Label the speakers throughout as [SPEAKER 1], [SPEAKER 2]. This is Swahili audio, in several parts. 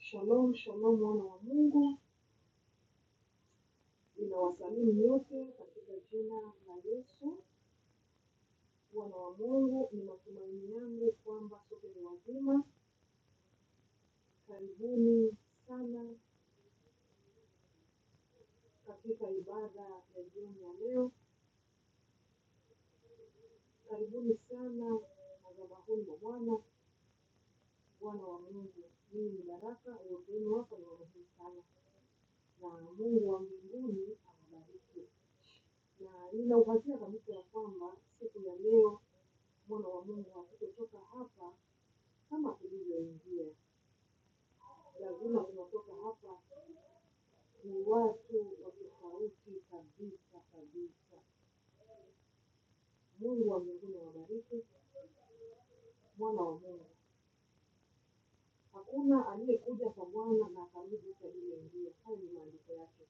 [SPEAKER 1] Shalom, shalom wana wa Mungu, ninawasalimu nyote katika jina la Yesu. Wana wa Mungu, ni matumaini yangu kwamba sote ni wazima. Karibuni sana katika ibada ya jioni ya leo. Karibuni sana madhabahuni mwa Bwana. Wana wa Mungu, mimi ni Baraka, wote wenu hapa ni wazima sana, na Mungu wa mbinguni awabariki, na nina uhakika kabisa ya kwamba siku ya leo mwana wa Mungu hatutotoka hapa kama ulivyoingia, lazima tunatoka hapa ni watu wa tofauti kabisa kabisa. Mungu wa mbinguni awabariki, mwana wa Mungu. Hakuna aliyekuja kwa Bwana na akarudi kwa aliyeingia. Hayo ni maandiko yake.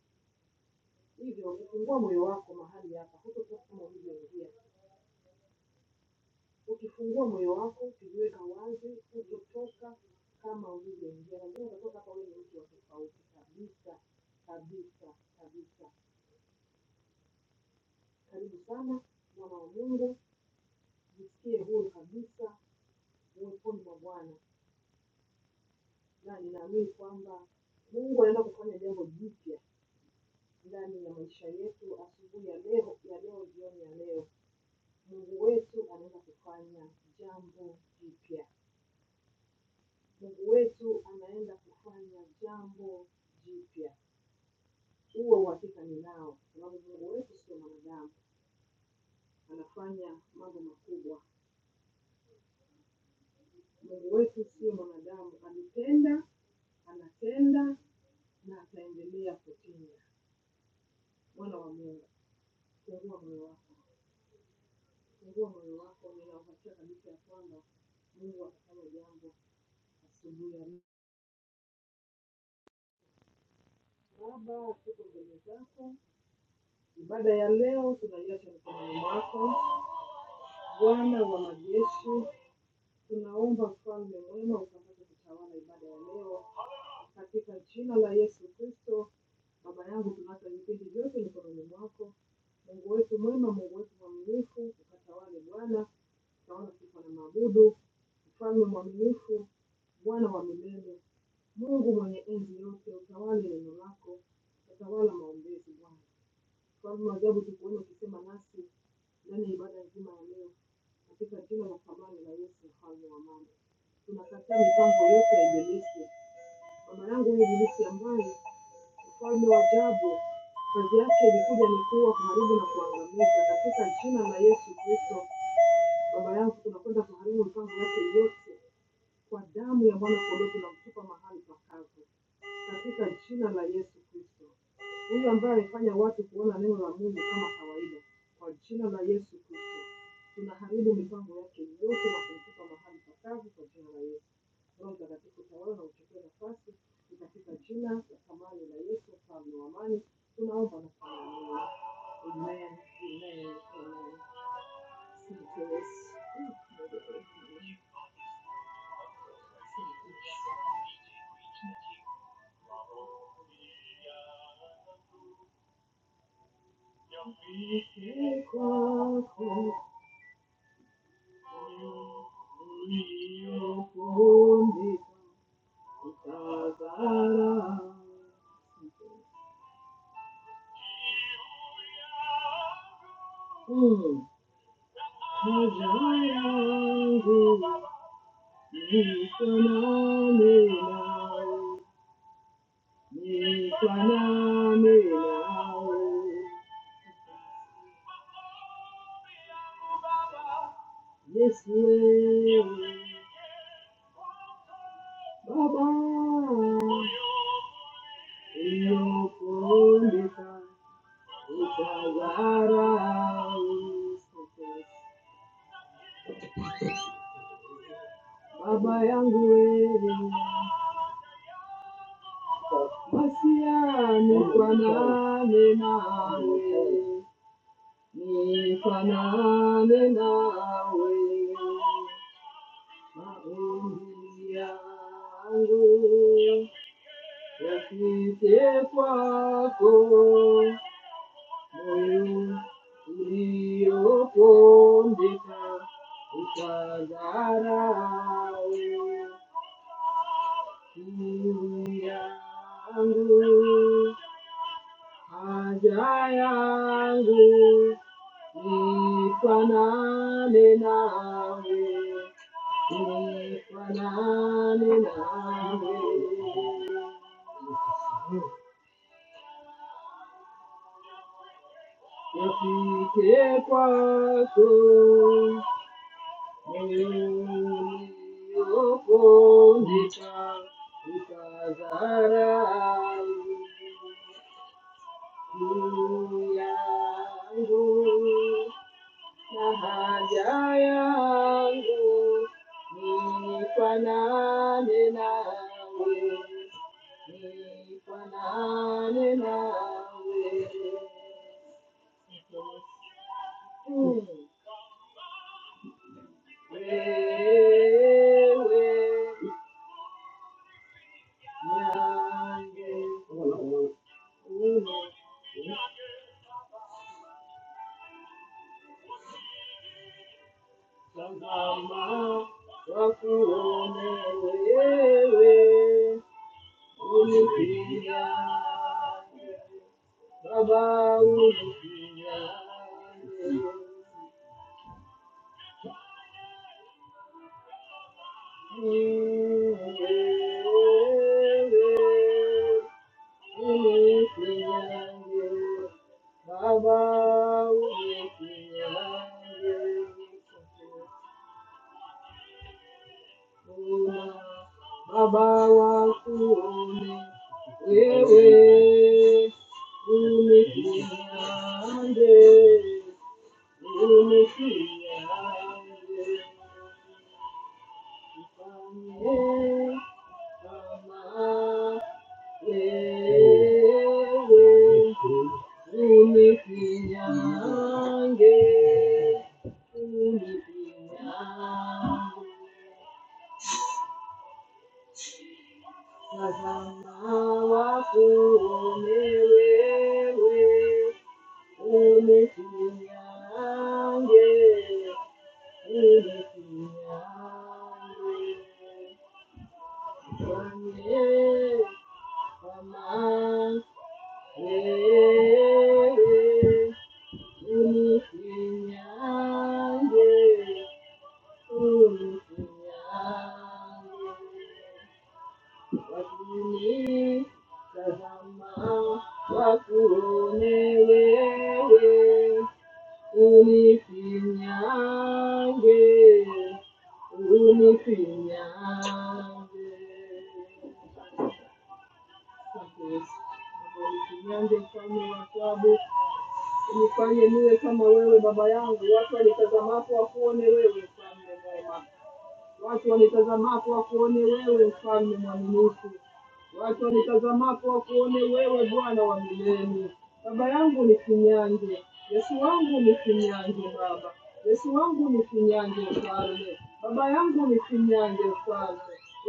[SPEAKER 1] Hivyo ukifungua moyo wako mahali hapa, hutotoka kama ulivyoingia. Ukifungua moyo wako, ukijiweka wazi, hutotoka kama ulivyoingia. Lazima utatoka hapa wewe ni mtu wa tofauti kabisa kabisa kabisa. Karibu sana mwana wa Mungu. jisikie huru kabisa uweponi mwa Bwana, na ninaamini kwamba Mungu anaenda kufanya jambo jipya ndani ya maisha yetu asubuhi ya leo, ya leo, jioni ya leo. Mungu wetu anaenda kufanya jambo jipya. Mungu wetu anaenda kufanya jambo jipya. Huo uhakika ninao, sababu Mungu wetu sio mwanadamu, anafanya mambo makubwa. Mungu wetu sio mwanadamu, alitenda, anatenda na ataendelea kutenda. Wana wa Mungu, fungua moyo wako, fungua moyo wako. Nina uhakika kabisa ya kwamba Mungu atafanya jambo asubuhi ya leo. Baba, tuko mbele zako, ibada ya leo tunaiacha mikononi mwako, Bwana wa majeshi. Tunaomba mfalme mwema ukapate kutawala ibada ya leo katika jina la Yesu Kristo. Baba yangu, tunaacha vipindi vyote mikononi mwako. Mungu wetu mwema, Mungu wetu mwaminifu, ukatawale Bwana. Tunaona sifa na maabudu, mfalme mwaminifu, Bwana wa milele, Mungu mwenye enzi yote, utawale neno lako, utawala maombezi Bwana sababu ajabu tukuona ukisema nasi ndani ya ibada nzima ya leo katika jina la thamani la Yesu mfalme wa amani. Tunakataa mipango yote ya ibilisi. Mama yangu huyu ibilisi ambaye mfalme wa ajabu kazi yake ilikuja ni kuwa kuharibu na kuangamiza. Katika jina la Yesu Kristo, baba yangu, tunakwenda kuharibu mipango yake yote kwa damu ya mwana kondoo, tunamtupa mahali pakavu katika jina la Yesu Kristo. Huyu ambaye alifanya watu kuona neno la Mungu kama kawaida, kwa jina la Yesu Kristo tunaharibu mipango yake yote na kumtupa mahali pakavu kwa jina la Yesu. Roho Mtakatifu tawala na uchukue nafasi ni katika jina la thamani la Yesu, mfalme wa amani, tunaomba na kuamini. Amen, amen, amen. Asante Yesu. Kwako Baba, Baba yangu wewe, wasiane nawe, nifanane nawe, maombi yangu yafike kwako, moyo uliopondeka utadharau kiu yangu Haja yangu ifanane nawe, ifanane nawe, yafike kwako niliyopondeka ukadharau juu yangu. haja yangu nifanane nawe, nifanane nawe. Mm. Wewe nyange tazama wakuone wewe Olufiya, Baba Olufiya, Olufiya, Baba Olufiya, Baba Wakuni, Wewe. Olufiya. Thank you. Tazama, wakuonewewe, unifinyange, unifinyange. Asante Yesu. Baba, unifinyange mfalme wa ajabu, unifanye niwe kama wewe baba yangu, watu walitazamapo wakuone wewe mfalme mwema. Watu walitazamako wakuone wewe, mfalme mwaminifu. Watu walitazamako wakuone wewe, Bwana wa milele. Baba yangu ni kinyange, Yesu wangu ni kinyange, Baba Yesu wangu ni kinyange, mfalme. Baba yangu ni kinyange, mfalme.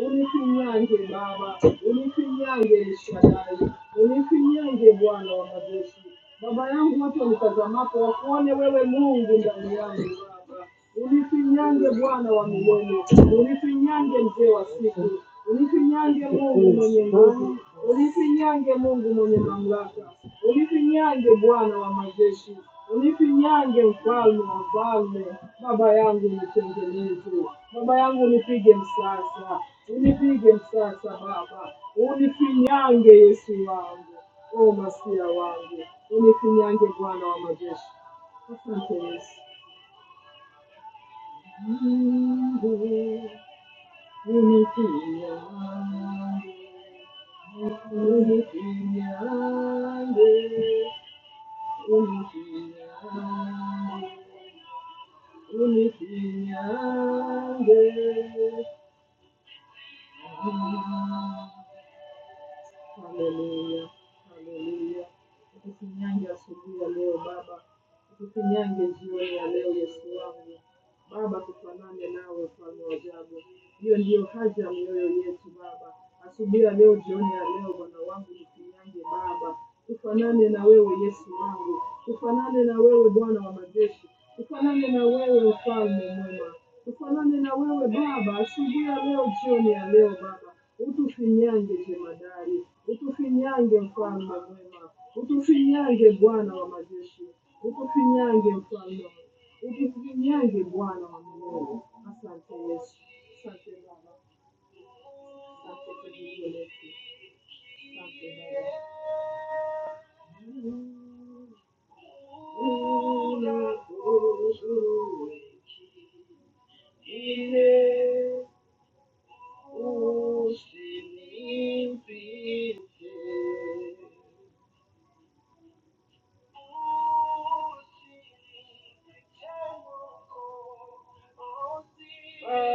[SPEAKER 1] Unikinyange Baba, unikinyange Elshadai, unikinyange Bwana wa majeshi. Baba yangu, watu walitazamako wakuone wewe Mungu ndani yangu, Baba. Unifinyange Bwana wa milele, unifinyange mzee wa siku, unifinyange Mungu mwenye nguvu, unifinyange Mungu mwenye mamlaka, unifinyange Bwana wa majeshi, unifinyange mfalme wa falme. Baba yangu nitengeneze, baba yangu nipige msasa, unipige msasa Baba, unifinyange Yesu wangu, o masia wangu, unifinyange Bwana wa majeshi. Asante Yesu. 嗯，乌米西凉，乌米西凉的，乌米西凉，乌米西凉的，嗯。Haleluya, haleluya. Tukufinyange asubuhi ya leo Baba, tukufinyange jioni ya leo Yesu wangu. Baba, tufanane nawe mfalme wa ajabu. Hiyo ndiyo haja ya mioyo yetu Baba, asubuhi ya leo, jioni ya leo, Bwana wangu, yangu Baba, ufanane na wewe Yesu wangu, ufanane na wewe Bwana wa majeshi, ufanane na wewe ufalme mwema, ufanane na wewe Baba asubuhi ya leo, jioni ya leo Baba, utufinyange jemadari, utufinyange mfalme mwema, utufinyange Bwana wa majeshi, utufinyange mfalme, utufinyange Bwana wa milele. Asante Yesu, asante Baba, asante kwa ajili yetu, asante Baba. O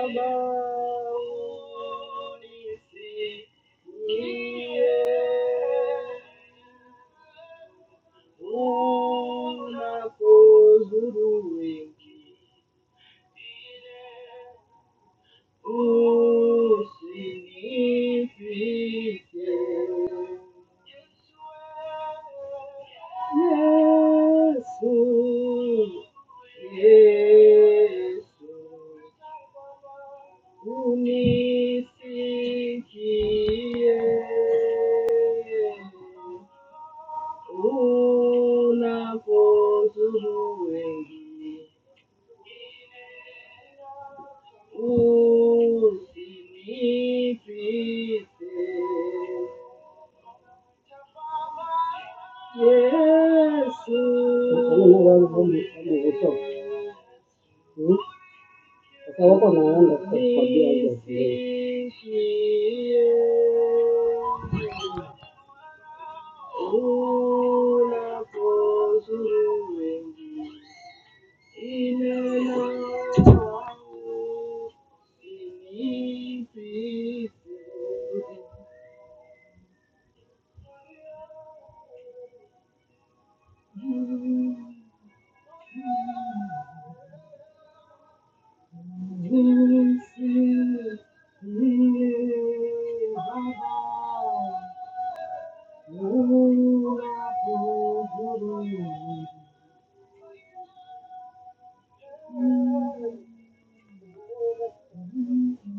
[SPEAKER 1] significa Yesu, Yesu, unisikie unapozuru wengine, usinipite Yesu. Sasa wako n a e n d o k u k w a m b i t hizo z o l সে দে য়েডব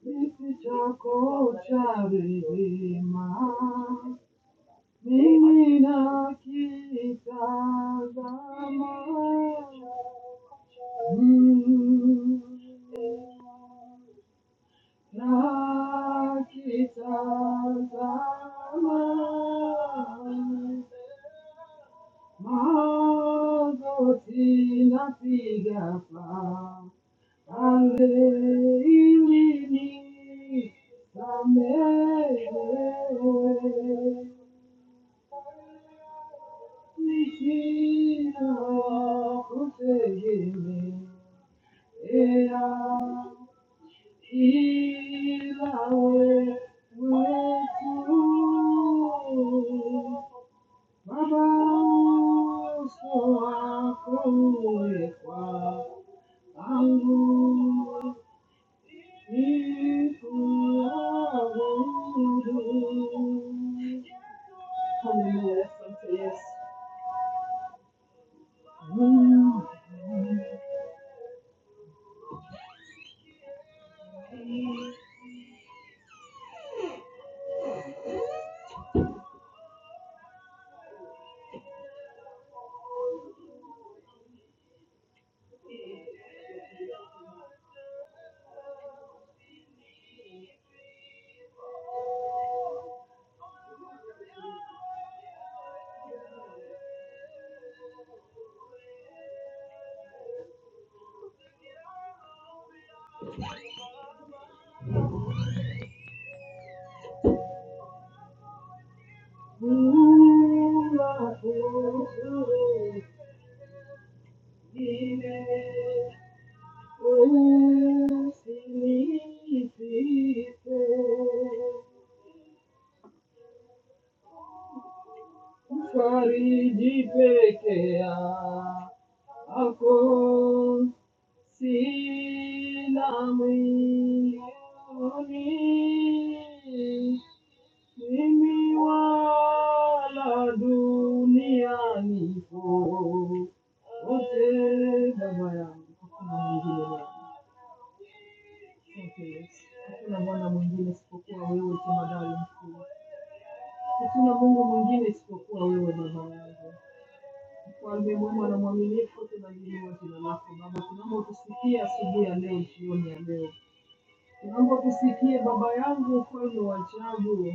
[SPEAKER 1] সে ইটা কূছে কোড় ইমে. La kita Thank you. 이바울 외투 마방소와 공회과 방구 이구하고두 h a l l e l u 우라고 주이 Ufariji peke yako sina mwingine, mimi wala duniani po wote, baba yangu, Mwokozi. Hakuna Bwana mwingine isipokuwa wewe, Jema dali mkuu. Hakuna Mungu mwingine isipokuwa wewe, Baba yangu. Mfalme mwema na mwaminifu, tunaliinua jina lako Baba tunamotusikia asubuhi ya leo, jioni ya leo. Naomba kusikie Baba yangu ukweli wa ajabu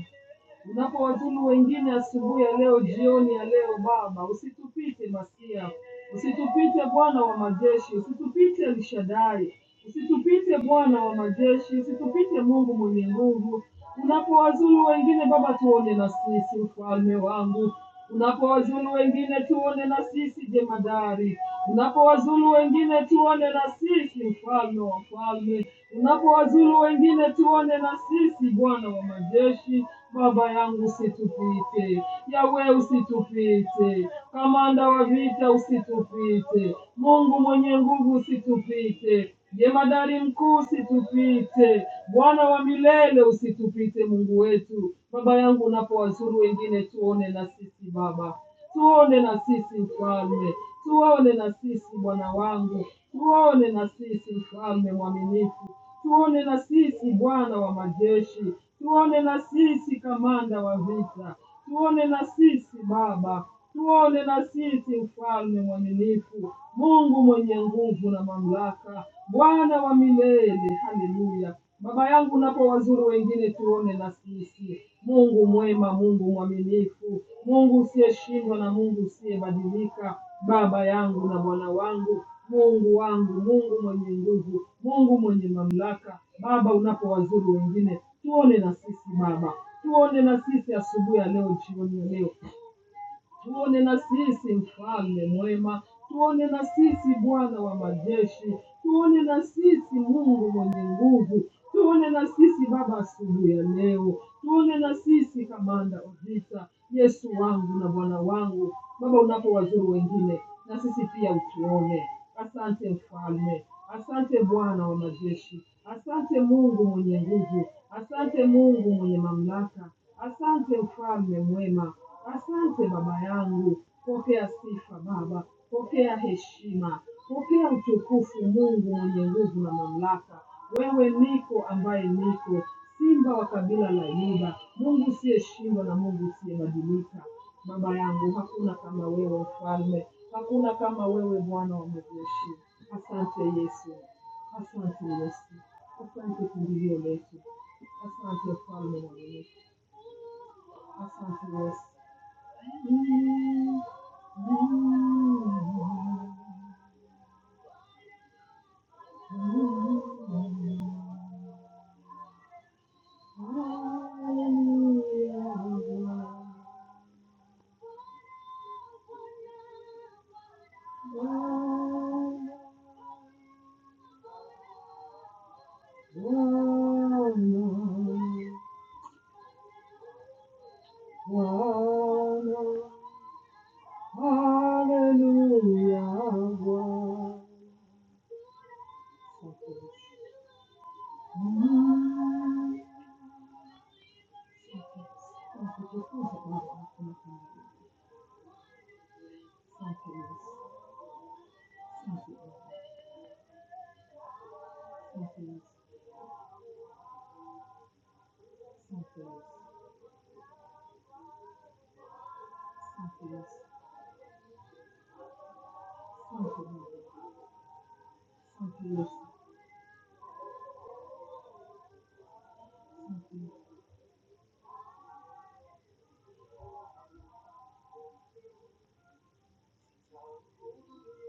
[SPEAKER 1] unapowazulu wengine asubuhi ya leo, jioni ya leo. Baba, usitupite Masia, usitupite Bwana wa majeshi, usitupite Elshadai, usitupite Bwana wa majeshi, usitupite Mungu mwenye nguvu. Unapowazulu wengine Baba, tuone na sisi, mfalme wangu. Unapowazulu wengine tuone na sisi, jemadari. Unapowazulu wengine tuone na sisi, mfalme wa falme unapowazuru wengine tuone na sisi. Bwana wa majeshi, Baba yangu usitupite, Yawe usitupite, kamanda wa vita usitupite, Mungu mwenye nguvu usitupite, jemadari mkuu usitupite, Bwana wa milele usitupite, Mungu wetu. Baba yangu unapowazuru wengine tuone na sisi Baba, tuone na sisi mfalme, tuone na sisi Bwana wangu, tuone na sisi mfalme mwaminifu tuone na sisi Bwana wa majeshi, tuone na sisi kamanda wa vita, tuone na sisi Baba, tuone na sisi mfalme mwaminifu, Mungu mwenye nguvu na mamlaka, Bwana wa milele. Haleluya! Baba yangu, napo wazuru wengine tuone na sisi. Mungu mwema, Mungu mwaminifu, Mungu usiyeshindwa na Mungu usiyebadilika, Baba yangu na Bwana wangu, Mungu wangu, Mungu mwenye nguvu, Mungu mwenye mamlaka. Baba, unapowazuru wengine tuone na sisi Baba, tuone na sisi asubuhi ya leo, jioni ya leo, tuone na sisi mfalme mwema, tuone na sisi Bwana wa majeshi, tuone na sisi Mungu mwenye nguvu, tuone na sisi Baba asubuhi ya leo, tuone na sisi kamanda wa vita, Yesu wangu na Bwana wangu. Baba, unapowazuru wengine, na sisi pia utuone. Asante mfalme, asante Bwana wa majeshi, asante Mungu mwenye nguvu, asante Mungu mwenye mamlaka, asante mfalme mwema Asante Baba yangu, pokea sifa Baba, pokea heshima, pokea utukufu Mungu mwenye nguvu na mamlaka. Wewe niko ambaye niko, simba wa kabila la Yuda, Mungu siyeshindwa na Mungu usiyebadilika. Baba yangu, hakuna kama wewe mfalme, hakuna kama wewe Bwana wa majeshi. Asante Yesu, asante Yesu, asante kimbilio letu, asante mfalme wa Yesu, asante Yesu. Thank you. Thank you. Santos, Santos, Santos, Santos, Santos, Santos.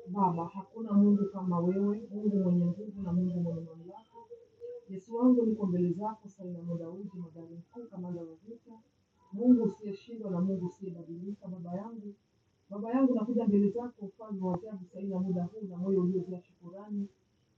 [SPEAKER 1] Baba, hakuna Mungu kama wewe, Mungu mwenye nguvu na Mungu mwenye mamlaka. Yesu wangu, niko mbele zako, salamu Daudi, magari mkuu, kamanda wa vita, Mungu usiyeshindwa na Mungu usiyebadilika. Baba yangu, baba yangu, nakuja mbele zako, mfalme wa ajabu, saina muda huu na moyo uliojaa shukurani.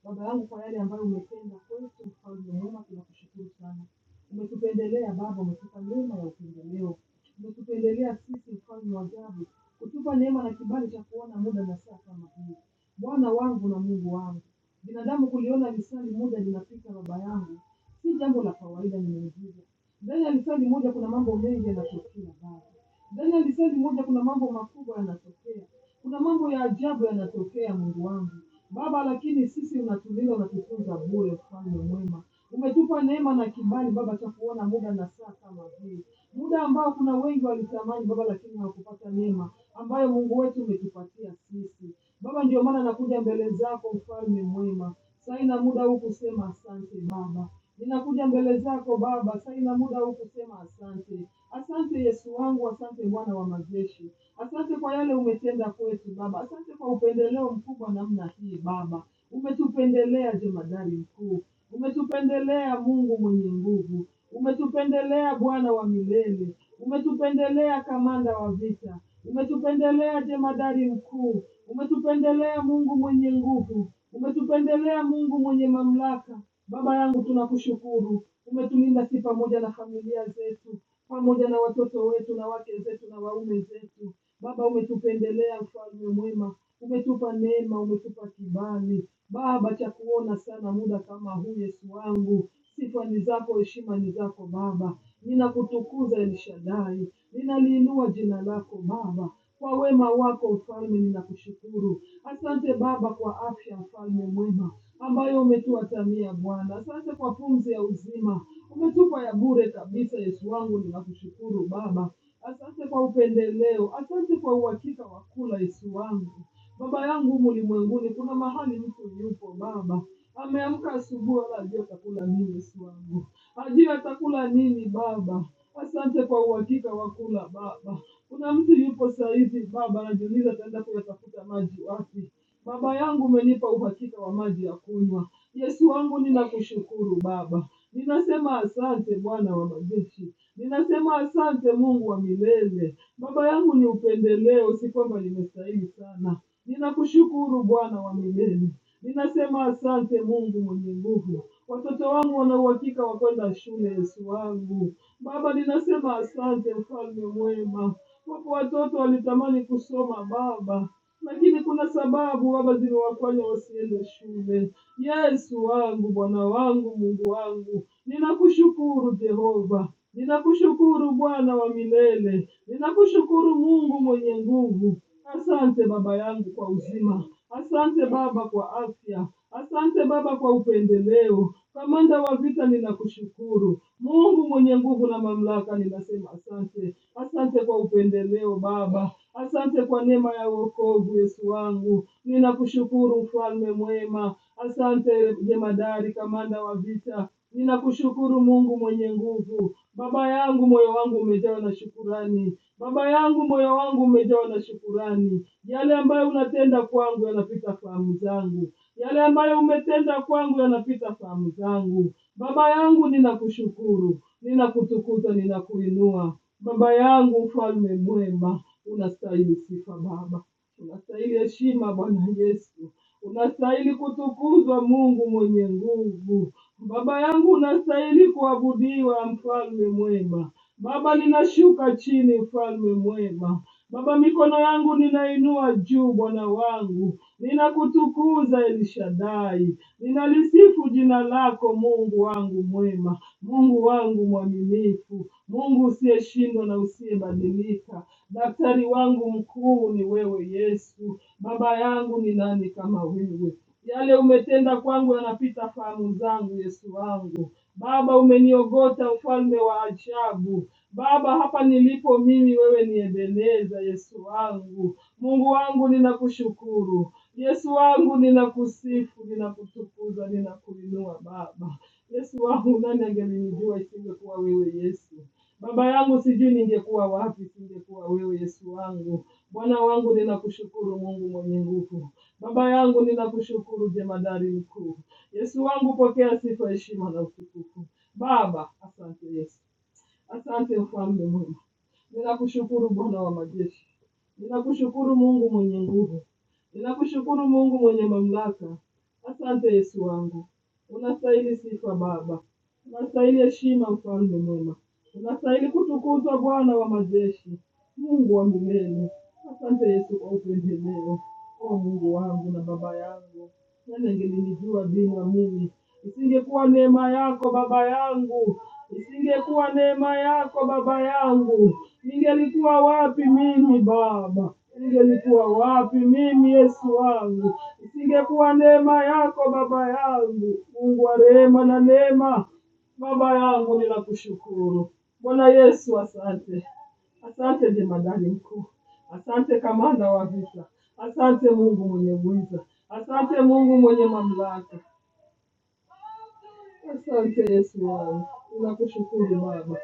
[SPEAKER 1] Baba yangu, kwa yale ambayo umetenda kwetu, mfalme mwema, tunakushukuru sana. Umetupendelea Baba, umetupa neema ya upendeleo umetupendelea sisi mfalme wa ajabu kutupa neema na kibali cha kuona muda na saa kama hii bwana wangu na mungu wangu binadamu kuliona lisali moja linafika baba yangu si jambo la kawaida nimeujiza ndani ya lisali moja kuna mambo mengi yanatokea baba ndani ya lisali moja kuna mambo makubwa yanatokea kuna mambo ya ajabu yanatokea mungu wangu baba lakini sisi unatulinda unatutunza bure mfalme mwema Umetupa neema na kibali Baba cha kuona muda na saa kama hii, muda ambao kuna wengi walitamani Baba lakini hawakupata neema ambayo Mungu wetu umetupatia sisi Baba. Ndio maana nakuja mbele zako, mfalme mwema, sai na muda huu kusema asante Baba. Ninakuja mbele zako Baba, sina muda huu kusema asante. Asante Yesu wangu, asante Bwana wa majeshi, asante kwa yale umetenda kwetu Baba, asante kwa upendeleo mkubwa namna hii Baba. Umetupendelea jemadari mkuu, umetupendelea Mungu mwenye nguvu, Ume Umetupendelea Bwana wa milele, umetupendelea kamanda wa vita, umetupendelea jemadari mkuu, umetupendelea Mungu mwenye nguvu, umetupendelea Mungu mwenye mamlaka. Baba yangu, tunakushukuru, umetulinda si pamoja na familia zetu, pamoja na watoto wetu na wake zetu na waume zetu. Baba, umetupendelea mfalme mwema, umetupa neema, umetupa kibali Baba cha kuona sana muda kama huu. Yesu wangu, sifa ni zako, heshima ni zako Baba. Ninakutukuza El Shaddai, ninaliinua jina lako Baba kwa wema wako mfalme, ninakushukuru. Asante Baba kwa afya mfalme mwema ambayo umetuatamia Bwana. Asante kwa pumzi ya uzima umetupa ya bure kabisa. Yesu wangu, ninakushukuru Baba Asante kwa upendeleo, asante kwa uhakika wa kula, Yesu wangu. Baba yangu humu ulimwenguni, kuna mahali mtu yupo Baba, ameamka asubuhi, wala ajua atakula nini, Yesu wangu, ajua atakula nini Baba. Asante kwa uhakika wa kula Baba. Kuna mtu yupo saa hizi Baba, anajiuliza ataenda kuyatafuta maji wapi. Baba yangu umenipa uhakika wa maji ya kunywa. Yesu wangu, ninakushukuru Baba, ninasema asante Bwana wa majeshi, ninasema asante Mungu wa milele. Baba yangu ni upendeleo, si kwamba nimestahili sana. Ninakushukuru Bwana wa milele, ninasema asante Mungu mwenye nguvu. Watoto wangu wana uhakika wa kwenda shule, Yesu wangu. Baba, ninasema asante, mfalme mwema. Wapo watoto walitamani kusoma baba, lakini kuna sababu baba zimewafanya wasiende shule. Yesu wangu, Bwana wangu, Mungu Mungu wangu. Ninakushukuru Jehova, ninakushukuru Bwana wa milele, ninakushukuru Mungu mwenye nguvu. Asante Baba yangu kwa uzima, asante Baba kwa afya, asante Baba kwa upendeleo. Kamanda wa vita, ninakushukuru Mungu mwenye nguvu na mamlaka, ninasema asante, asante kwa upendeleo Baba, Asante kwa neema ya wokovu, Yesu wangu. Ninakushukuru mfalme mwema. Asante jemadari, kamanda wa vita. Ninakushukuru Mungu mwenye nguvu. Baba yangu, moyo wangu umejawa na shukurani. Baba yangu, moyo wangu umejawa na shukurani. Yale ambayo unatenda kwangu yanapita fahamu zangu, yale ambayo umetenda kwangu yanapita fahamu zangu. Baba yangu, ninakushukuru, ninakutukuza, ninakuinua. Baba yangu, mfalme mwema, Unastahili sifa Baba, unastahili heshima Bwana Yesu, unastahili kutukuzwa Mungu mwenye nguvu. Baba yangu, unastahili kuabudiwa, mfalme mwema. Baba, ninashuka chini, mfalme mwema. Baba, mikono yangu ninainua juu, Bwana wangu, Ninakutukuza El Shaddai, ninalisifu jina lako Mungu wangu mwema, Mungu wangu mwaminifu, Mungu usiyeshindwa na usiyebadilika. Daktari wangu mkuu ni wewe Yesu, baba yangu ni nani kama wewe? Yale umetenda kwangu yanapita fahamu zangu, Yesu wangu. Baba, umeniogota ufalme wa ajabu. Baba, hapa nilipo mimi, wewe niendeleza. Yesu wangu, Mungu wangu, ninakushukuru. Yesu wangu, ninakusifu, ninakutukuza, ninakuinua Baba. Yesu wangu, nani angelinijua isingekuwa wewe Yesu? Baba yangu, sijui ningekuwa wapi isingekuwa wewe Yesu wangu. Bwana wangu, ninakushukuru Mungu mwenye nguvu. Baba yangu, ninakushukuru jemadari mkuu. Yesu wangu, pokea sifa, heshima na utukufu. Baba, asante Yesu. Asante mfalme mwema, ninakushukuru Bwana wa majeshi, ninakushukuru Mungu mwenye nguvu, ninakushukuru Mungu mwenye mamlaka. Asante Yesu wangu, unastahili sifa Baba, unastahili heshima mfalme mwema, unastahili kutukuzwa Bwana wa majeshi, Mungu wa milele. Asante Yesu kwa upendeleo, o Mungu wangu na Baba yangu, nani angenilijua bila mimi Isingekuwa neema yako baba yangu, isingekuwa neema yako baba yangu, ningelikuwa wapi mimi Baba? Ningelikuwa wapi mimi Yesu wangu? Isingekuwa neema yako baba yangu, Mungu wa rehema na neema, baba yangu, ninakushukuru Bwana Yesu, asante. Asante jemadari mkuu, asante kamanda wa vita, asante Mungu mwenye uweza, asante Mungu mwenye mamlaka, Asante Yesu wangu, ninakushukuru Baba,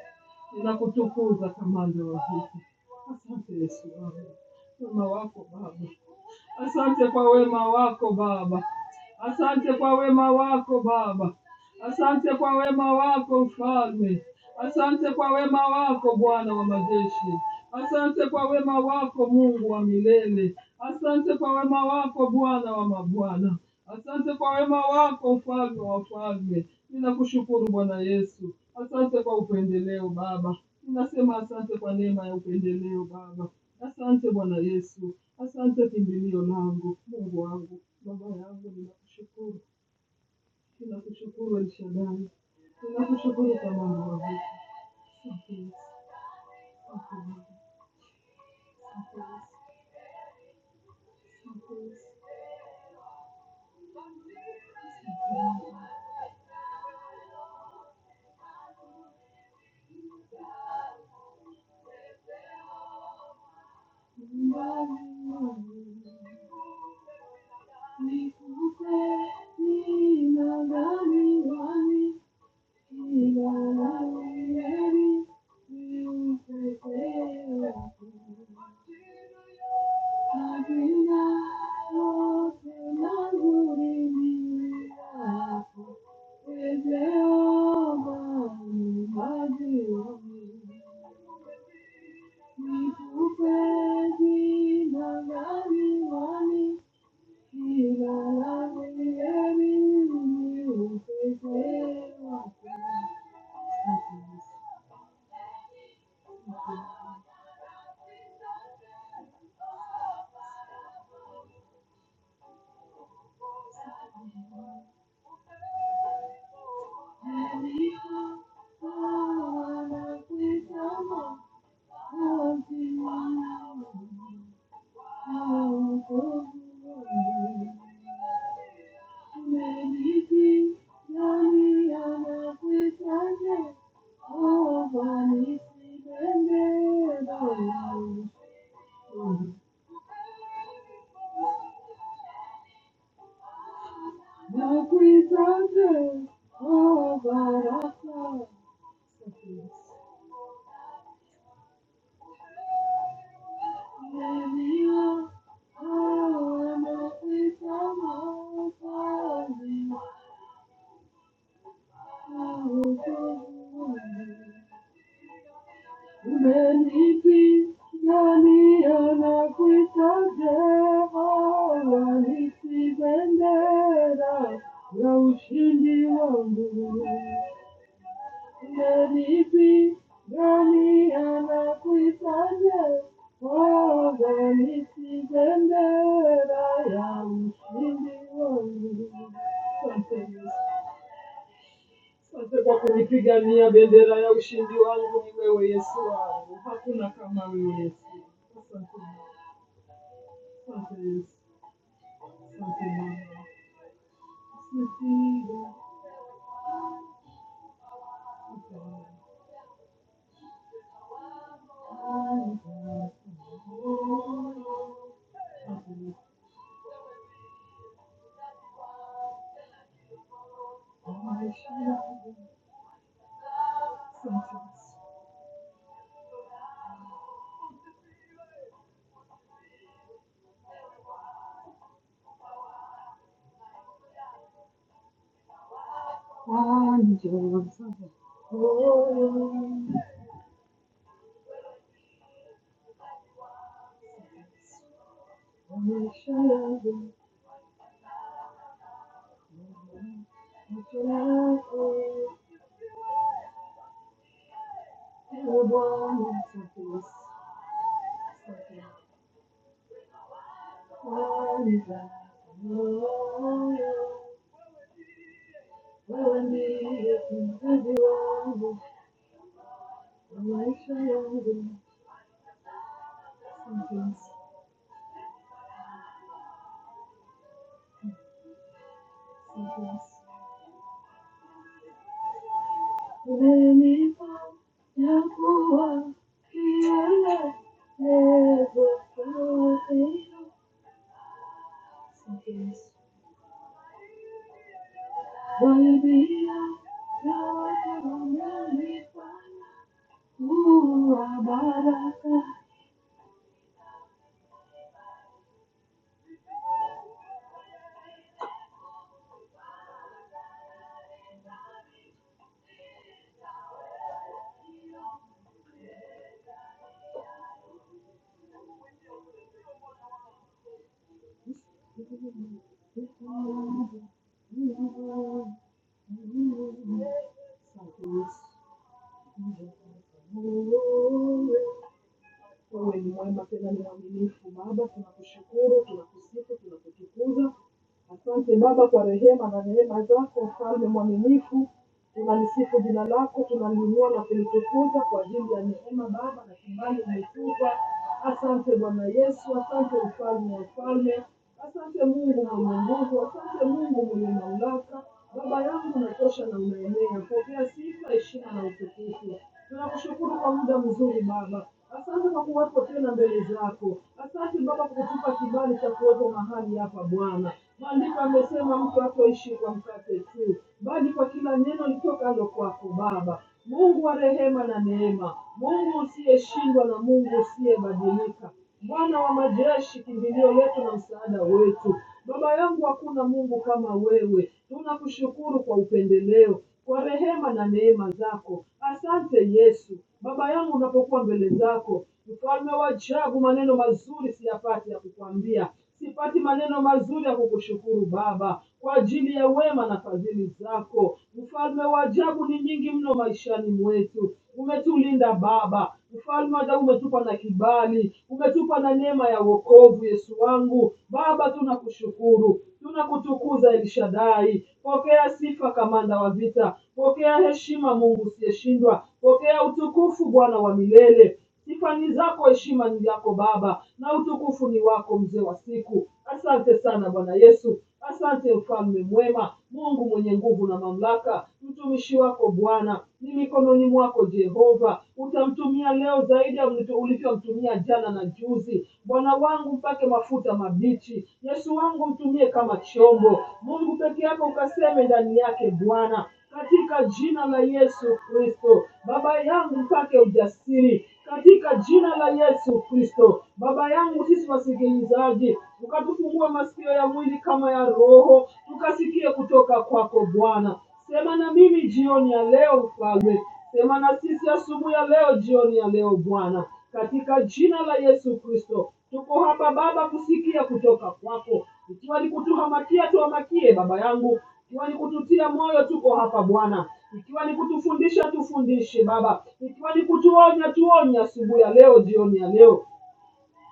[SPEAKER 1] ninakutukuza kamanda wa vita. Asante Yesu wangu, wema wako Baba, asante kwa wema wako Baba, asante kwa wema wako Baba, asante kwa wema wako Mfalme, asante kwa wema wako Bwana wa majeshi, asante kwa wema wako Mungu wa milele, asante kwa wema wako Bwana wa mabwana. Asante kwa wema wako, mfalme wa wafalme. Ninakushukuru Bwana Yesu. Asante kwa upendeleo Baba. Ninasema asante kwa neema ya upendeleo Baba. Asante Bwana Yesu. Asante kimbilio langu, Mungu wangu, Baba yangu, ninakushukuru. Ninakushukuru El Shaddai. Ninakushukuru kwa mambo yangu. Asante Yesu. Asante Baba. Asante Yesu. Asante Yesu. Asante Yesu. Asante Yesu. Thank you. Thank you. The presumption of our love. Many are the presumptions Nadibi, Gani anakuitaja, organisi bendera ya ushindi wangu. Asante Yesu. Asante kwa kunipigania bendera ya ushindi wangu. Ni wewe Yesu wangu, hakuna kama wewe Yesu. Asante Asante Yesu. Asante Bwana. Asante Bwana. Asante Bwana. Something's, something's. Lenival na rua que ela leva para dentro. Sem Deus, vai virar para outra me para rua barata. Só Deus, um Wewe ni mwema tena ni mwaminifu Baba, tunakushukuru, tunakusifu, tunakutukuza. Asante Baba kwa rehema na neema zako, mfalme mwaminifu. Tunalisifu jina lako, tunaliinua na kulitukuza kwa ajili ya neema Baba na kibali umetupa. Asante Bwana Yesu, asante mfalme wa ufalme, asante Mungu mwenye nguvu, asante Mungu mwenye mamlaka. Baba yangu unatosha na unaenea. Pokea sifa, heshima na utukufu. Tunakushukuru kwa muda mzuri Baba, asante kwa kuwepo tena mbele zako. Asante Baba kwa kutupa kibali cha kuwepo mahali hapa Bwana. Maandiko amesema mtu hatoishi kwa mkate tu, bali kwa kila neno litokalo kwako Baba. Mungu wa rehema na neema, Mungu usiyeshindwa na Mungu usiyebadilika. Bwana wa majeshi, kimbilio letu na msaada wetu. Baba yangu, hakuna Mungu kama wewe. Tunakushukuru kwa upendeleo, kwa rehema na neema zako. Asante Yesu. Baba yangu, unapokuwa mbele zako, mfalme wa ajabu, maneno mazuri siyapati ya kukwambia sipati maneno mazuri ya kukushukuru Baba kwa ajili ya wema na fadhili zako. Mfalme wa ajabu ni nyingi mno maishani mwetu. Umetulinda Baba, mfalme wa ajabu, umetupa na kibali, umetupa na neema ya wokovu. Yesu wangu Baba, tunakushukuru, tunakutukuza Elshadai. Pokea sifa, kamanda wa vita, pokea heshima, Mungu usiyeshindwa, pokea utukufu, Bwana wa milele. Sifa ni zako, heshima ni yako Baba, na utukufu ni wako, mzee wa siku. Asante sana Bwana Yesu, asante mfalme mwema, Mungu mwenye nguvu na mamlaka. Mtumishi wako Bwana ni mikononi mwako Jehova, utamtumia leo zaidi ya ulitu- ulivyomtumia jana na juzi. Bwana wangu mpake mafuta mabichi, Yesu wangu mtumie kama chombo. Mungu peke yako ukaseme ndani yake Bwana, katika jina la Yesu Kristo. Baba yangu, mpate ujasiri katika jina la Yesu Kristo. Baba yangu, sisi wasikilizaji, ukatufungua masikio ya mwili kama ya roho, tukasikie kutoka kwako Bwana. Sema na mimi jioni ya leo Mfalme, sema na sisi asubuhi ya leo, jioni ya leo Bwana, katika jina la Yesu Kristo. Tuko hapa Baba kusikia kutoka kwako, ikiwa ni kutuhamakia, tuhamakie Baba yangu, ikiwa ni kututia moyo, tuko hapa Bwana, ikiwa ni kutufundisha, tufundishe Baba, ikiwa ni kutuonya, tuonya asubuhi ya leo, jioni ya leo,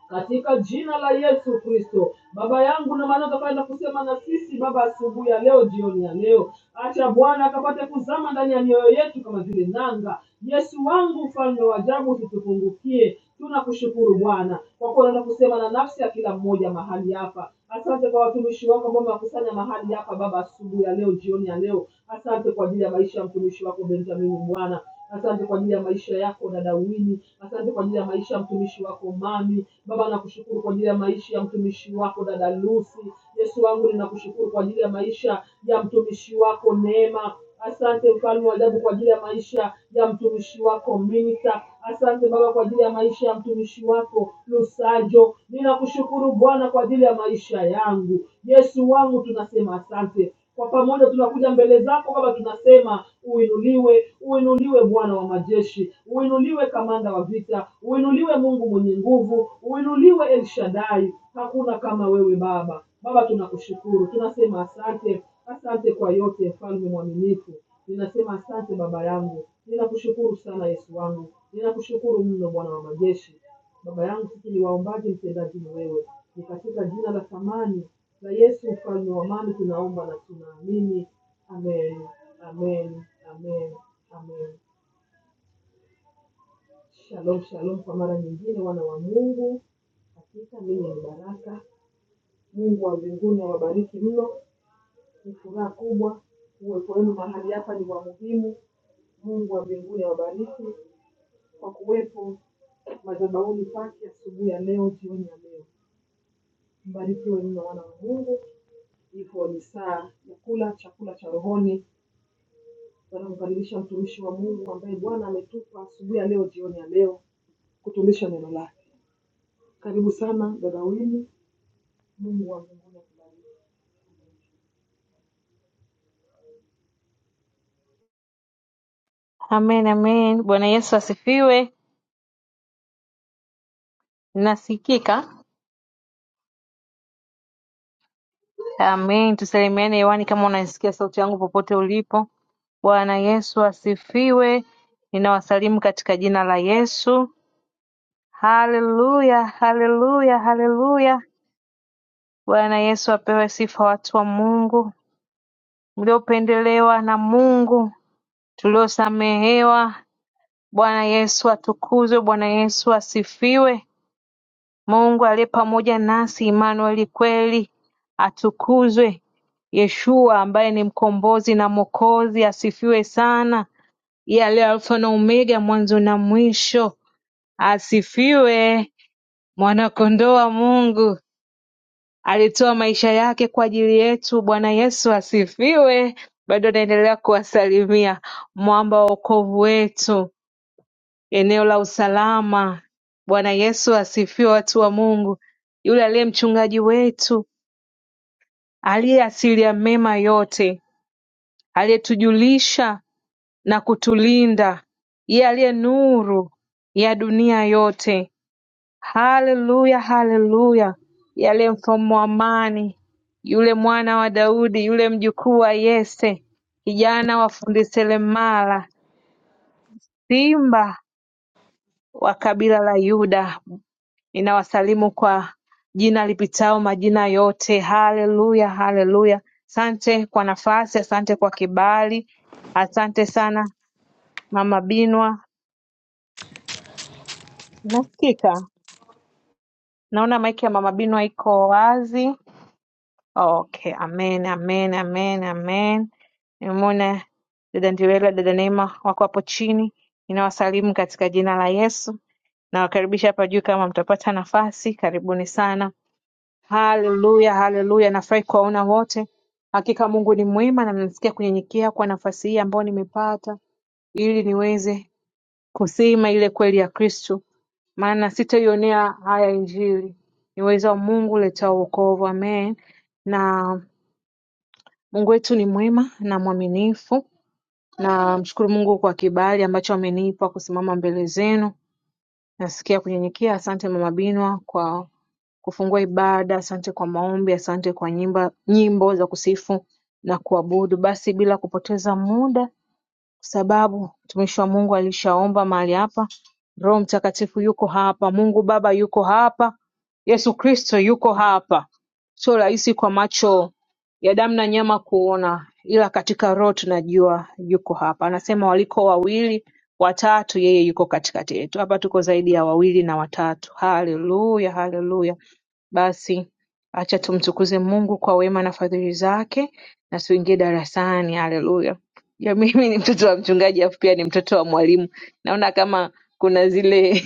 [SPEAKER 1] katika jina la Yesu Kristo. Baba yangu na maana utakaenda kusema na sisi Baba asubuhi ya leo, jioni ya leo, acha Bwana akapate kuzama ndani ya mioyo yetu kama vile nanga. Yesu wangu, mfalme wa ajabu, usitupungukie. Tunakushukuru Bwana kwa kuwa unaenda kusema na nafsi ya kila mmoja mahali hapa. Asante kwa watumishi wako ambao wamekusanya mahali hapa Baba asubuhi ya leo, jioni ya leo. Asante kwa ajili ya maisha ya mtumishi wako Benjamin Bwana Asante kwa ajili ya maisha yako dada Wini. Asante kwa ajili ya maisha ya mtumishi wako mami. Baba, nakushukuru kwa ajili ya maisha ya mtumishi wako dada Lucy. Yesu wangu, ninakushukuru kwa ajili ya maisha ya mtumishi wako Neema. Asante mfalme wa ajabu kwa ajili ya maisha ya mtumishi wako Minita. Asante Baba kwa ajili ya maisha ya mtumishi wako Lusajo. Ninakushukuru Bwana kwa ajili ya maisha yangu. Yesu wangu, tunasema asante kwa pamoja tunakuja mbele zako baba tunasema uinuliwe uinuliwe bwana wa majeshi uinuliwe kamanda wa vita uinuliwe mungu mwenye nguvu uinuliwe el shadai hakuna kama wewe baba baba tunakushukuru tunasema asante asante kwa yote mfalme mwaminifu ninasema asante baba yangu ninakushukuru sana yesu wangu ninakushukuru mno bwana wa majeshi Baba yangu, sisi ni waombaji, mtendaji ni wewe. Ni katika jina la thamani la Yesu, mfalme wa amani, tunaomba na tunaamini. Amen, amen, amen, amen. Shalom, shalom kwa mara nyingine, wana wa Mungu. Hakika mimi ni baraka. Mungu wa mbinguni awabariki mno, ni furaha kubwa uwepo wenu mahali hapa ni wa muhimu. Mungu wa mbinguni awabariki kwa kuwepo madhabahuni pake asubuhi ya leo, jioni ya leo. Mbarikiwe mno wana wa Mungu, iko ni saa ya kula chakula cha rohoni. Bwana kumkaribisha mtumishi wa Mungu ambaye Bwana ametupa asubuhi ya leo, jioni ya leo, kutumisha neno lake. Karibu sana dada Wini. Mungu wa mbinguni akubariki.
[SPEAKER 2] Amen amen. Bwana Yesu asifiwe. Nasikika? Amen. Tusalimiane hewani kama unaisikia sauti yangu popote ulipo. Bwana Yesu asifiwe. Ninawasalimu katika jina la Yesu. Haleluya, haleluya, haleluya. Bwana Yesu apewe sifa, watu wa Mungu mliopendelewa na Mungu, tuliosamehewa. Bwana Yesu atukuzwe, Bwana Yesu asifiwe. Mungu aliye pamoja nasi Immanueli kweli atukuzwe Yeshua ambaye ni mkombozi na mwokozi asifiwe sana yeye aliye alfa na omega mwanzo na mwisho asifiwe mwanakondoo wa Mungu alitoa maisha yake kwa ajili yetu Bwana Yesu asifiwe bado naendelea kuwasalimia mwamba wa wokovu wetu eneo la usalama Bwana Yesu asifiwe watu wa Mungu yule aliye mchungaji wetu aliye asilia mema yote aliyetujulisha na kutulinda yeye aliye nuru ya dunia yote haleluya haleluya yeye aliye mfalme wa amani yule mwana wa Daudi yule mjukuu wa Yese kijana wa fundi seremala simba wa kabila la Yuda Ninawasalimu kwa jina lipitalo majina yote. Haleluya, haleluya! Asante kwa nafasi, asante kwa kibali, asante sana Mama Binwa. Nasikika, naona maiki ya Mama Binwa iko wazi. Okay, amen, amen, amen, amen. Nimemwona dada Ndewela, dada Neema wako hapo chini. Ninawasalimu katika jina la Yesu, nawakaribisha hapa juu kama mtapata nafasi. Karibuni sana. Haleluya, haleluya. Nafurahi kuwaona wote. Hakika Mungu ni mwema na nasikia kunyenyekea kwa nafasi hii ambayo nimepata ili niweze kusema ile kweli ya Kristo, maana sitaionea haya Injili. Ni uwezo wa Mungu uletao wokovu. Amen. Na Mungu wetu ni mwema na mwaminifu. Na mshukuru Mungu kwa kibali ambacho amenipa kusimama mbele zenu. Nasikia kunyenyekea. Asante Mama Binwa kwa kufungua ibada Asante kwa maombi asante kwa nyimba nyimbo za kusifu na kuabudu Basi bila kupoteza muda kwa sababu mtumishi wa Mungu alishaomba mahali hapa Roho Mtakatifu yuko hapa Mungu Baba yuko hapa Yesu Kristo yuko hapa sio rahisi kwa macho ya damu na nyama kuona ila katika roho tunajua yuko hapa anasema waliko wawili watatu yeye yuko katikati yetu hapa tuko zaidi ya wawili na watatu haleluya haleluya basi acha tumtukuze Mungu kwa wema na fadhili zake na tuingie darasani. Haleluya. Ya mimi ni mtoto wa mchungaji afu pia ni mtoto wa mwalimu. Naona kama kuna zile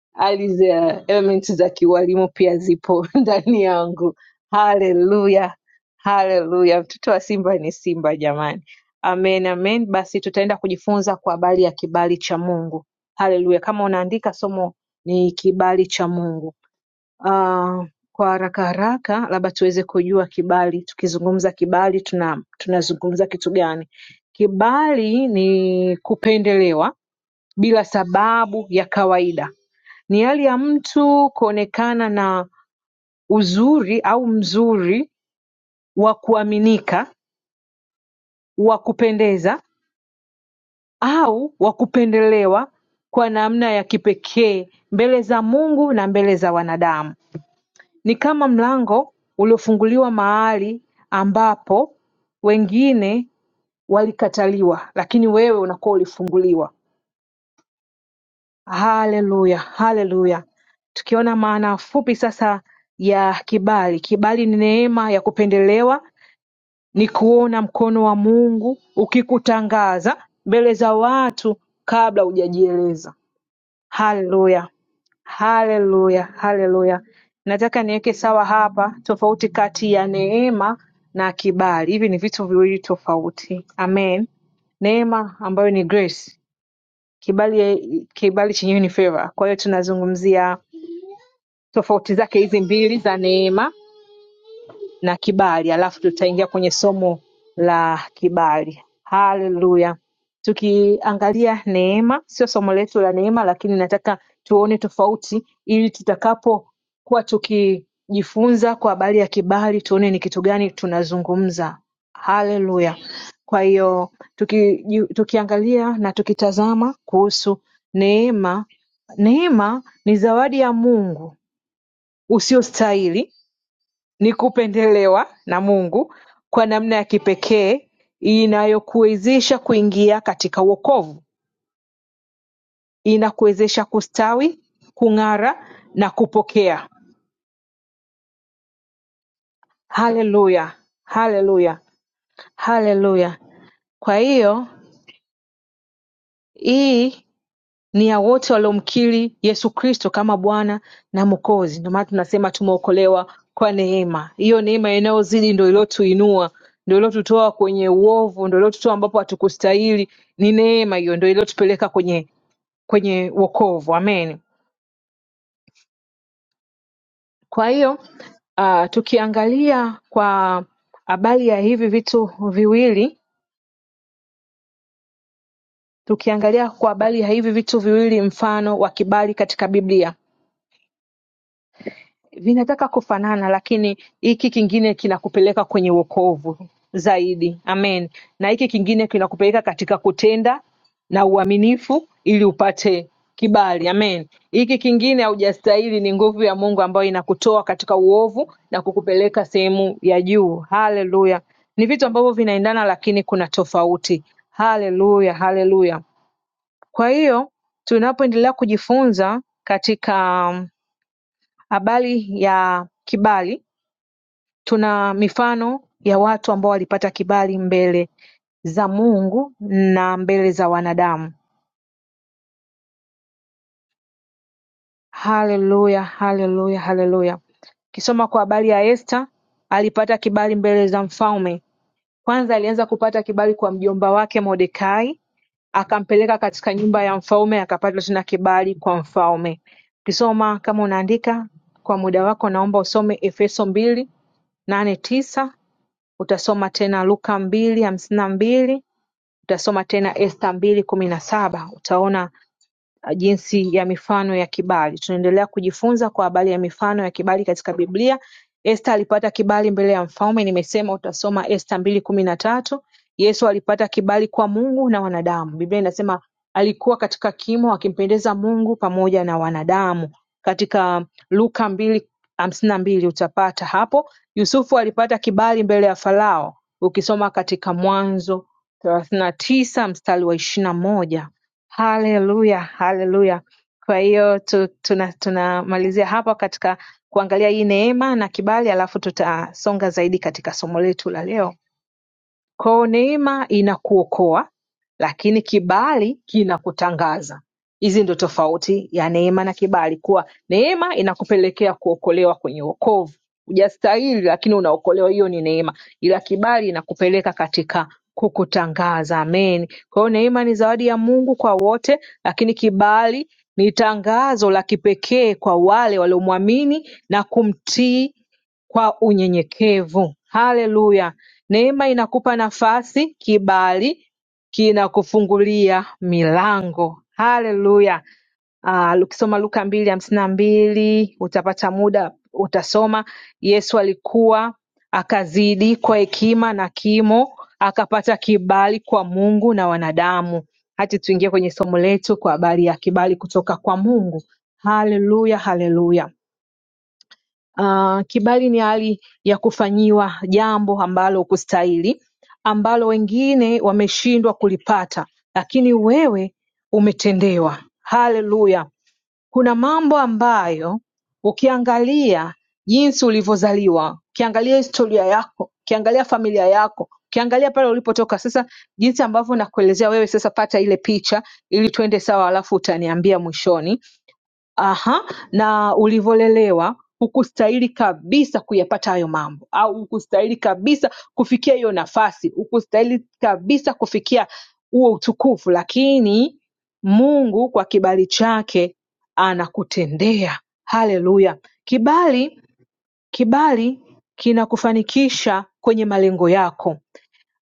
[SPEAKER 2] hali za elements za kiwalimu pia zipo ndani yangu. Haleluya, haleluya! Mtoto wa Simba ni Simba jamani. Amen, amen. Basi tutaenda kujifunza kwa habari ya kibali cha Mungu. Haleluya! Kama unaandika, somo ni kibali cha Mungu. Ah, kwa haraka haraka labda tuweze kujua kibali. Tukizungumza kibali tuna tunazungumza kitu gani? Kibali ni kupendelewa bila sababu ya kawaida. Ni hali ya mtu kuonekana na uzuri au mzuri wa kuaminika, wa kupendeza au wa kupendelewa kwa namna ya kipekee mbele za Mungu na mbele za wanadamu. Ni kama mlango uliofunguliwa mahali ambapo wengine walikataliwa lakini wewe unakuwa ulifunguliwa. Haleluya, haleluya. Tukiona maana fupi sasa ya kibali. Kibali ni neema ya kupendelewa, ni kuona mkono wa Mungu ukikutangaza mbele za watu kabla hujajieleza. haleluya haleluya haleluya nataka niweke sawa hapa tofauti kati ya neema na kibali hivi ni vitu viwili tofauti amen neema ambayo ni grace kibali kibali chenyewe ni favor kwa hiyo tunazungumzia tofauti zake hizi mbili za neema na kibali, alafu tutaingia kwenye somo la kibali. Haleluya! Tukiangalia neema, sio somo letu la neema, lakini nataka tuone tofauti, ili tutakapokuwa tukijifunza kwa habari ya kibali, tuone ni kitu gani tunazungumza. Haleluya! Kwa hiyo tuki, tukiangalia na tukitazama kuhusu neema, neema ni zawadi ya Mungu usiyostahili ni kupendelewa na Mungu kwa namna ya kipekee inayokuwezesha kuingia katika wokovu, inakuwezesha kustawi, kung'ara na kupokea. Haleluya, haleluya, haleluya! Kwa hiyo hii ni ya wote waliomkiri Yesu Kristo kama Bwana na Mwokozi ndio maana tunasema tumeokolewa kwa neema hiyo neema inayozidi ndio iliyotuinua ndio iliyotutoa kwenye uovu ndio iliyotutoa ambapo hatukustahili ni neema hiyo ndio iliyotupeleka kwenye kwenye wokovu amen kwa hiyo uh, tukiangalia kwa habari ya hivi vitu viwili tukiangalia kwa habari ya hivi vitu viwili mfano wa kibali katika biblia vinataka kufanana lakini hiki kingine kinakupeleka kwenye wokovu zaidi amen na hiki kingine kinakupeleka katika kutenda na uaminifu ili upate kibali amen hiki kingine haujastahili ni nguvu ya mungu ambayo inakutoa katika uovu na kukupeleka sehemu ya juu haleluya ni vitu ambavyo vinaendana lakini kuna tofauti haleluya haleluya kwa hiyo tunapoendelea kujifunza katika habari ya kibali tuna mifano ya watu ambao walipata kibali mbele za mungu na mbele za wanadamu haleluya haleluya haleluya ukisoma kwa habari ya Esta alipata kibali mbele za mfalme. Kwanza alianza kupata kibali kwa mjomba wake Mordekai, akampeleka katika nyumba ya mfalme, akapata tena kibali kwa mfalme. Ukisoma kama unaandika kwa muda wako, naomba usome Efeso mbili nane tisa Utasoma tena Luka mbili hamsini na mbili utasoma tena Esta mbili kumi na saba utaona uh, jinsi ya mifano ya kibali. Tunaendelea kujifunza kwa habari ya mifano ya kibali katika Biblia. Esta alipata kibali mbele ya mfalme, nimesema utasoma Esta mbili kumi na tatu. Yesu alipata kibali kwa Mungu na wanadamu. Biblia inasema alikuwa katika kimo akimpendeza Mungu pamoja na wanadamu. Katika Luka mbili hamsini na mbili utapata hapo. Yusufu alipata kibali mbele ya Farao, ukisoma katika Mwanzo thelathini na tisa mstari wa ishirini na moja Haleluya, haleluya! Kwa hiyo tu, tuna tunamalizia hapa katika kuangalia hii neema na kibali, alafu tutasonga zaidi katika somo letu la leo Kwao neema inakuokoa lakini kibali kinakutangaza. Hizi ndo tofauti ya neema na kibali, kuwa neema inakupelekea kuokolewa kwenye wokovu, hujastahili lakini unaokolewa, hiyo ni neema, ila kibali inakupeleka katika kukutangaza. Amen. Kwa hiyo neema ni zawadi ya Mungu kwa wote, lakini kibali ni tangazo la kipekee kwa wale waliomwamini na kumtii kwa unyenyekevu. Haleluya! Neema inakupa nafasi, kibali kinakufungulia milango. Haleluya! Ah, ukisoma Luka mbili hamsini na mbili utapata muda utasoma. Yesu alikuwa akazidi kwa hekima na kimo, akapata kibali kwa Mungu na wanadamu. Hati tuingie kwenye somo letu kwa habari ya kibali kutoka kwa Mungu. Haleluya, haleluya. Ah, kibali ni hali ya kufanyiwa jambo ambalo hukustahili, ambalo wengine wameshindwa kulipata, lakini wewe umetendewa. Haleluya! Kuna mambo ambayo ukiangalia jinsi ulivyozaliwa, ukiangalia historia yako, ukiangalia familia yako, ukiangalia pale ulipotoka. Sasa jinsi ambavyo nakuelezea wewe, sasa pata ile picha ili tuende sawa, alafu utaniambia mwishoni aha, na ulivyolelewa hukustahili kabisa kuyapata hayo mambo, au hukustahili kabisa kufikia hiyo nafasi, hukustahili kabisa kufikia huo utukufu, lakini Mungu kwa kibali chake anakutendea. Haleluya! Kibali, kibali kinakufanikisha kwenye malengo yako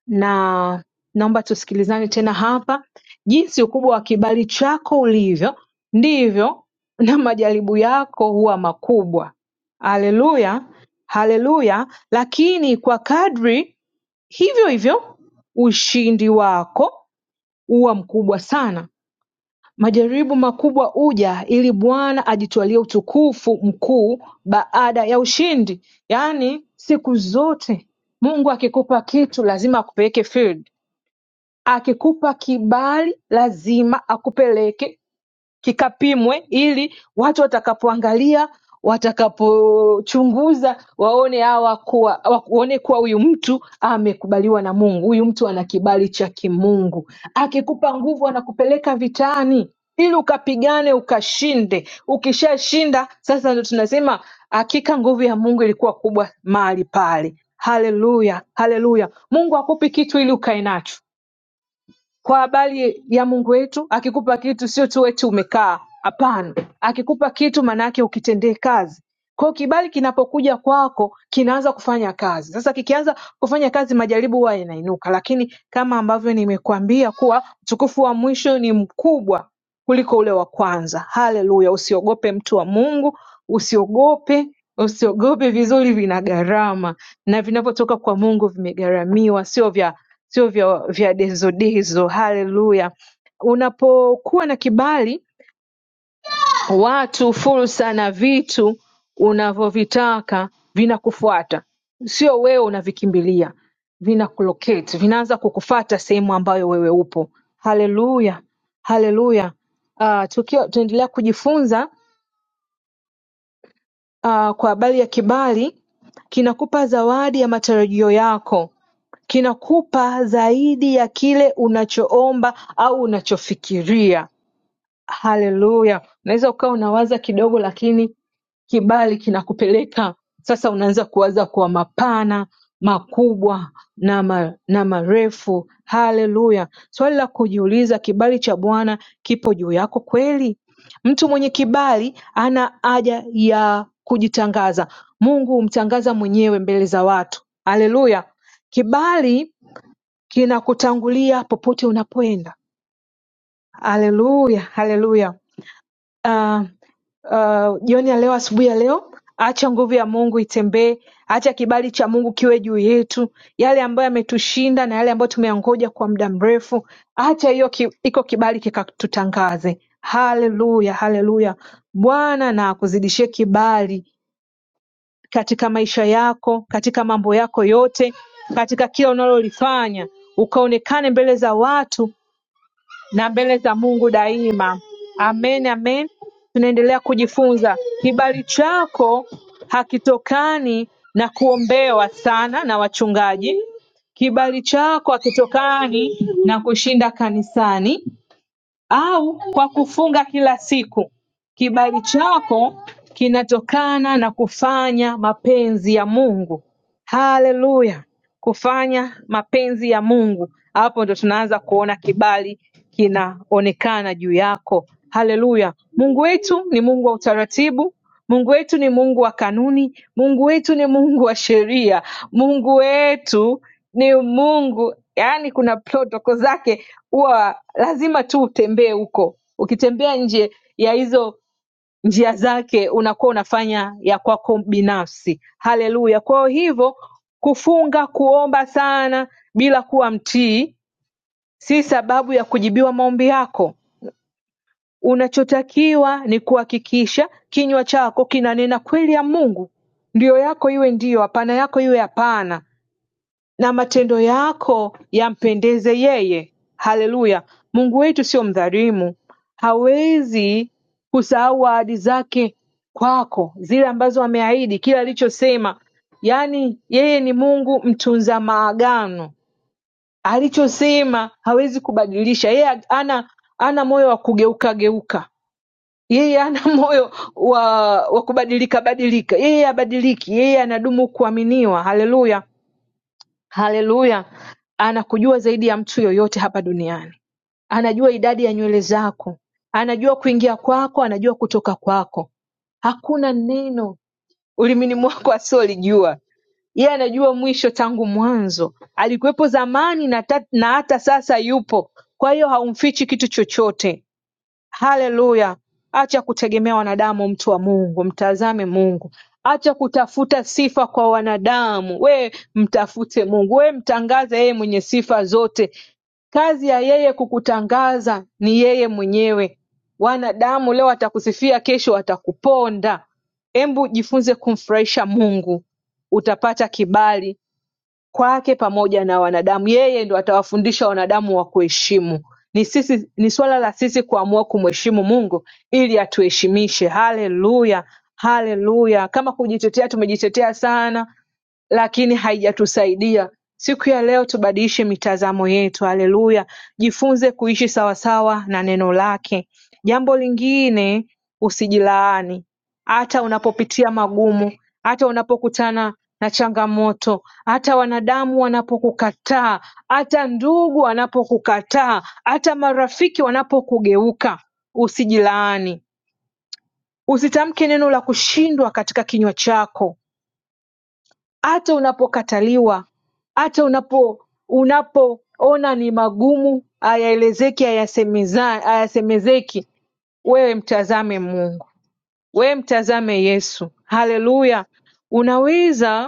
[SPEAKER 2] na naomba tusikilizane tena hapa jinsi ukubwa wa kibali chako ulivyo ndivyo na majaribu yako huwa makubwa haleluya haleluya lakini kwa kadri hivyo hivyo ushindi wako huwa mkubwa sana majaribu makubwa uja ili bwana ajitwalie utukufu mkuu baada ya ushindi yaani siku zote mungu akikupa kitu lazima akupeleke field Akikupa kibali lazima akupeleke kikapimwe ili watu watakapoangalia watakapochunguza waone hawa kuwa waone kuwa huyu mtu amekubaliwa na Mungu, huyu mtu ana kibali cha kimungu. Akikupa nguvu anakupeleka vitani ili ukapigane ukashinde. Ukishashinda sasa ndo tunasema hakika nguvu ya Mungu ilikuwa kubwa mahali pale. Haleluya, haleluya! Mungu akupi kitu ili ukae nacho kwa habari ya Mungu wetu. Akikupa kitu sio tu eti umekaa, hapana. Akikupa kitu maana yake ukitendee kazi. Kwa hiyo kibali kinapokuja kwako kinaanza kufanya kazi. Sasa kikianza kufanya kazi, majaribu huwa yanainuka, lakini kama ambavyo nimekuambia kuwa utukufu wa mwisho ni mkubwa kuliko ule wa kwanza. Haleluya! Usiogope mtu wa Mungu, usiogope usiogope. Vizuri vina gharama, na vinavyotoka kwa Mungu vimegharamiwa, sio vya sio vya, vya dezodezo. Haleluya! Unapokuwa na kibali watu fursa na vitu unavyovitaka vinakufuata sio wewe unavikimbilia vinakulocate vinaanza kukufata sehemu ambayo wewe upo haleluya haleluya uh, tukiwa tunaendelea kujifunza uh, kwa habari ya kibali kinakupa zawadi ya matarajio yako kinakupa zaidi ya kile unachoomba au unachofikiria Haleluya! Unaweza ukawa unawaza kidogo, lakini kibali kinakupeleka sasa, unaanza kuwaza kwa mapana, makubwa na, ma, na marefu. Haleluya! Swali la kujiuliza, kibali cha Bwana kipo juu yako kweli? Mtu mwenye kibali ana haja ya kujitangaza. Mungu humtangaza mwenyewe mbele za watu. Haleluya! Kibali kinakutangulia popote unapoenda. Haleluya, haleluya ah, ah, jioni ya leo asubuhi ya leo acha nguvu ya mungu itembee acha kibali cha mungu kiwe juu yetu yale ambayo yametushinda na yale ambayo tumeyangoja kwa muda mrefu acha hiyo ki, iko kibali kikatutangaze haleluya haleluya bwana na akuzidishie kibali katika maisha yako katika mambo yako yote katika kila unalolifanya ukaonekane mbele za watu na mbele za Mungu daima. Amen, amen. Tunaendelea kujifunza. Kibali chako hakitokani na kuombewa sana na wachungaji. Kibali chako hakitokani na kushinda kanisani au kwa kufunga kila siku. Kibali chako kinatokana na kufanya mapenzi ya Mungu. Haleluya, kufanya mapenzi ya Mungu. Hapo ndo tunaanza kuona kibali kinaonekana juu yako. Haleluya. Mungu wetu ni Mungu wa utaratibu. Mungu wetu ni Mungu wa kanuni. Mungu wetu ni Mungu wa sheria. Mungu wetu ni Mungu, yaani kuna protoko zake, huwa lazima tu utembee huko. Ukitembea nje ya hizo njia zake unakuwa unafanya ya kwako binafsi haleluya kwa hivyo kufunga kuomba sana bila kuwa mtii si sababu ya kujibiwa maombi yako unachotakiwa ni kuhakikisha kinywa chako kinanena kweli ya mungu ndio yako iwe ndio hapana yako iwe hapana na matendo yako yampendeze yeye haleluya mungu wetu sio mdhalimu hawezi kusahau ahadi zake kwako zile ambazo ameahidi kila alichosema yaani yeye ni mungu mtunza maagano alichosema hawezi kubadilisha yeye ana ana moyo wa kugeuka geuka yeye ana moyo wa wa kubadilika badilika yeye abadiliki yeye anadumu kuaminiwa haleluya Hallelujah. Anakujua zaidi ya mtu yoyote hapa duniani. Anajua idadi ya nywele zako, anajua kuingia kwako, anajua kutoka kwako. Hakuna neno ulimini mwako asiolijua. Yeye anajua mwisho tangu mwanzo, alikuwepo zamani na, ta, na hata sasa yupo. Kwa hiyo haumfichi kitu chochote. Haleluya! Acha kutegemea wanadamu, mtu wa Mungu, mtazame Mungu. Acha kutafuta sifa kwa wanadamu, we mtafute Mungu, we mtangaze yeye mwenye sifa zote. Kazi ya yeye kukutangaza ni yeye mwenyewe. Wanadamu leo watakusifia, kesho watakuponda. Hebu jifunze kumfurahisha Mungu, utapata kibali kwake pamoja na wanadamu. Yeye ndo atawafundisha wanadamu wa kuheshimu. Ni sisi, ni swala la sisi kuamua kumheshimu Mungu ili atuheshimishe. Haleluya, haleluya! Kama kujitetea tumejitetea sana, lakini haijatusaidia Siku ya leo tubadilishe mitazamo yetu haleluya jifunze kuishi sawasawa na neno lake jambo lingine usijilaani hata unapopitia magumu hata unapokutana na changamoto hata wanadamu wanapokukataa hata ndugu wanapokukataa hata marafiki wanapokugeuka usijilaani usitamke neno la kushindwa katika kinywa chako hata unapokataliwa hata unapo unapoona ni magumu hayaelezeki hayasemeza- hayasemezeki wewe mtazame mungu wewe mtazame yesu haleluya unaweza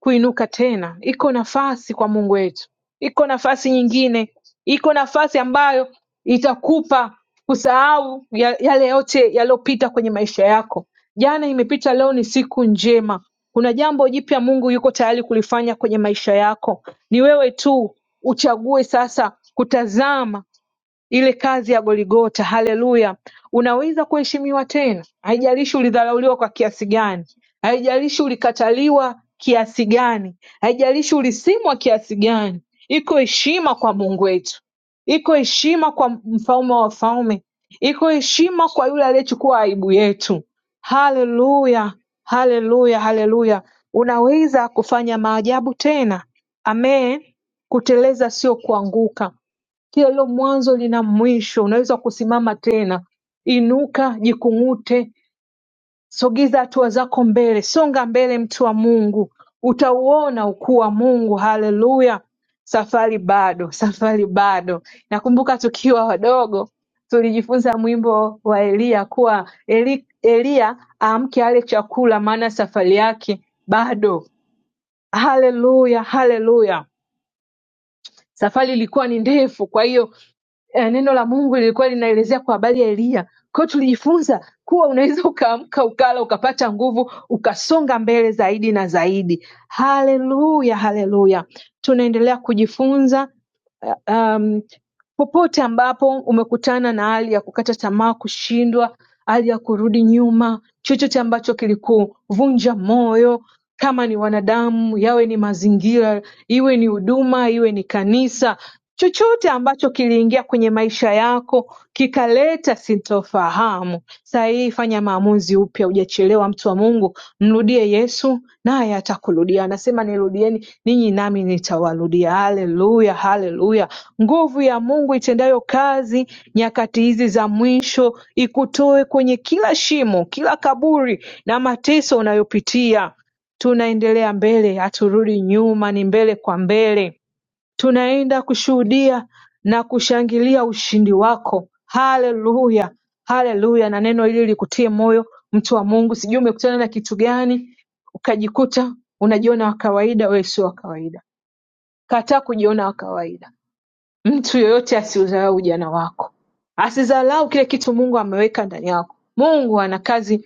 [SPEAKER 2] kuinuka tena Iko nafasi kwa Mungu wetu iko nafasi nyingine iko nafasi ambayo itakupa kusahau ya- yale yote yaliyopita kwenye maisha yako jana imepita leo ni siku njema kuna jambo jipya mungu yuko tayari kulifanya kwenye maisha yako ni wewe tu uchague sasa kutazama ile kazi ya Goligota haleluya unaweza kuheshimiwa tena haijalishi ulidharauliwa kwa kiasi gani haijalishi ulikataliwa kiasi gani haijalishi ulisimwa kiasi gani iko heshima kwa Mungu wetu iko heshima kwa mfalme wa wafalme iko heshima kwa yule aliyechukua aibu yetu haleluya haleluya haleluya unaweza kufanya maajabu tena amen kuteleza sio kuanguka kila mwanzo lina mwisho. Unaweza kusimama tena, inuka, jikung'ute, sogeza hatua zako mbele, songa mbele, mtu wa Mungu, utauona ukuu wa Mungu. Haleluya! Safari bado, safari bado. Nakumbuka tukiwa wadogo tulijifunza mwimbo wa Eliya kuwa Eli, Eliya aamke ale chakula, maana safari yake bado. Haleluya, haleluya. Safari ilikuwa ni ndefu, kwa hiyo eh, neno la Mungu lilikuwa linaelezea kwa habari ya Eliya. Kwa hiyo tulijifunza kuwa unaweza ukaamka ukala ukapata nguvu ukasonga mbele zaidi na zaidi. Haleluya, haleluya! Tunaendelea kujifunza eh, Um, Popote ambapo umekutana na hali ya kukata tamaa, kushindwa, hali ya kurudi nyuma, chochote ambacho kilikuvunja moyo, kama ni wanadamu, yawe ni mazingira, iwe ni huduma, iwe ni kanisa, chochote ambacho kiliingia kwenye maisha yako kikaleta sintofahamu, sahihi fanya maamuzi upya hujachelewa mtu wa Mungu mrudie Yesu naye atakurudia anasema nirudieni ninyi nami nitawarudia haleluya haleluya nguvu ya Mungu itendayo kazi nyakati hizi za mwisho ikutoe kwenye kila shimo kila kaburi na mateso unayopitia tunaendelea mbele haturudi nyuma ni mbele kwa mbele Tunaenda kushuhudia na kushangilia ushindi wako. Haleluya, haleluya! Na neno hili likutie moyo, mtu wa Mungu. Sijui umekutana na kitu gani ukajikuta unajiona wa kawaida. Wewe sio wa kawaida, kataa kujiona wa kawaida. Mtu yoyote asiudharau ujana wako, asidharau kile kitu Mungu ameweka ndani yako. Mungu ana kazi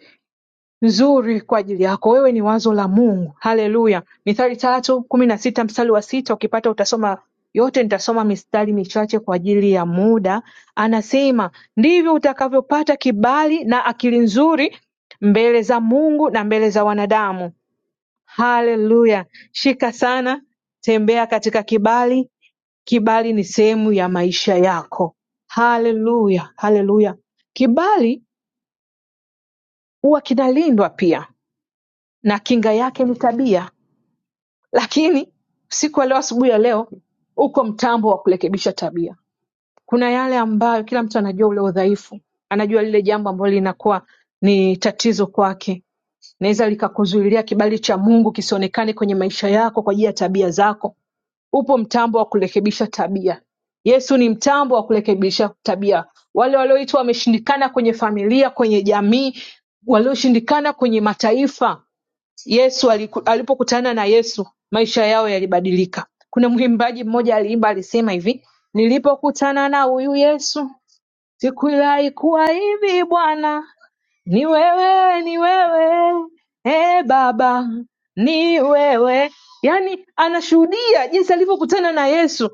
[SPEAKER 2] nzuri kwa ajili yako wewe ni wazo la Mungu haleluya Mithali tatu kumi na sita mstari wa sita ukipata utasoma yote nitasoma mistari michache kwa ajili ya muda anasema ndivyo utakavyopata kibali na akili nzuri mbele za Mungu na mbele za wanadamu haleluya shika sana tembea katika kibali kibali ni sehemu ya maisha yako haleluya haleluya kibali huwa kinalindwa pia na kinga yake ni tabia lakini siku ya leo asubuhi ya leo uko mtambo wa kurekebisha tabia kuna yale ambayo kila mtu anajua ule udhaifu anajua lile jambo ambalo linakuwa ni tatizo kwake naweza likakuzuilia kibali cha mungu kisionekane kwenye maisha yako kwa ajili ya tabia zako upo mtambo wa kurekebisha tabia. Yesu ni mtambo wa kurekebisha tabia. Wale walioitwa wameshindikana kwenye familia, kwenye jamii, walioshindikana kwenye mataifa, Yesu aliku- alipokutana na Yesu maisha yao yalibadilika. Kuna mwimbaji mmoja aliimba alisema hivi, nilipokutana na huyu Yesu sikudhani kuwa hivi Bwana, ni wewe, ni wewe e Baba, ni wewe. Yaani anashuhudia jinsi alivyokutana na Yesu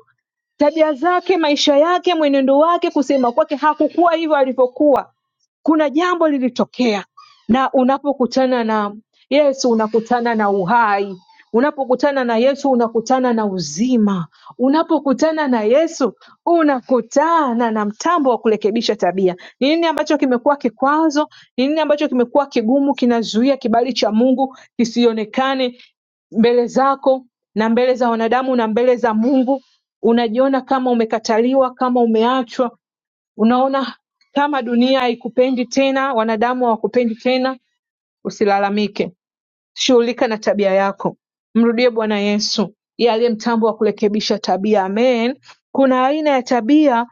[SPEAKER 2] tabia zake, maisha yake, mwenendo wake, kusema kwake, hakukuwa hivyo alivyokuwa. Kuna jambo lilitokea, na unapokutana na Yesu unakutana na uhai. Unapokutana na Yesu unakutana na uzima. Unapokutana na Yesu unakutana na mtambo wa kurekebisha tabia. Ni nini ambacho kimekuwa kikwazo? Ni nini ambacho kimekuwa kigumu, kinazuia kibali cha Mungu kisionekane mbele zako na mbele za wanadamu na mbele za Mungu? unajiona kama umekataliwa kama umeachwa unaona kama dunia haikupendi tena wanadamu hawakupendi tena usilalamike shughulika na tabia yako mrudie bwana yesu yeye aliye mtambo wa kurekebisha tabia amen kuna aina ya tabia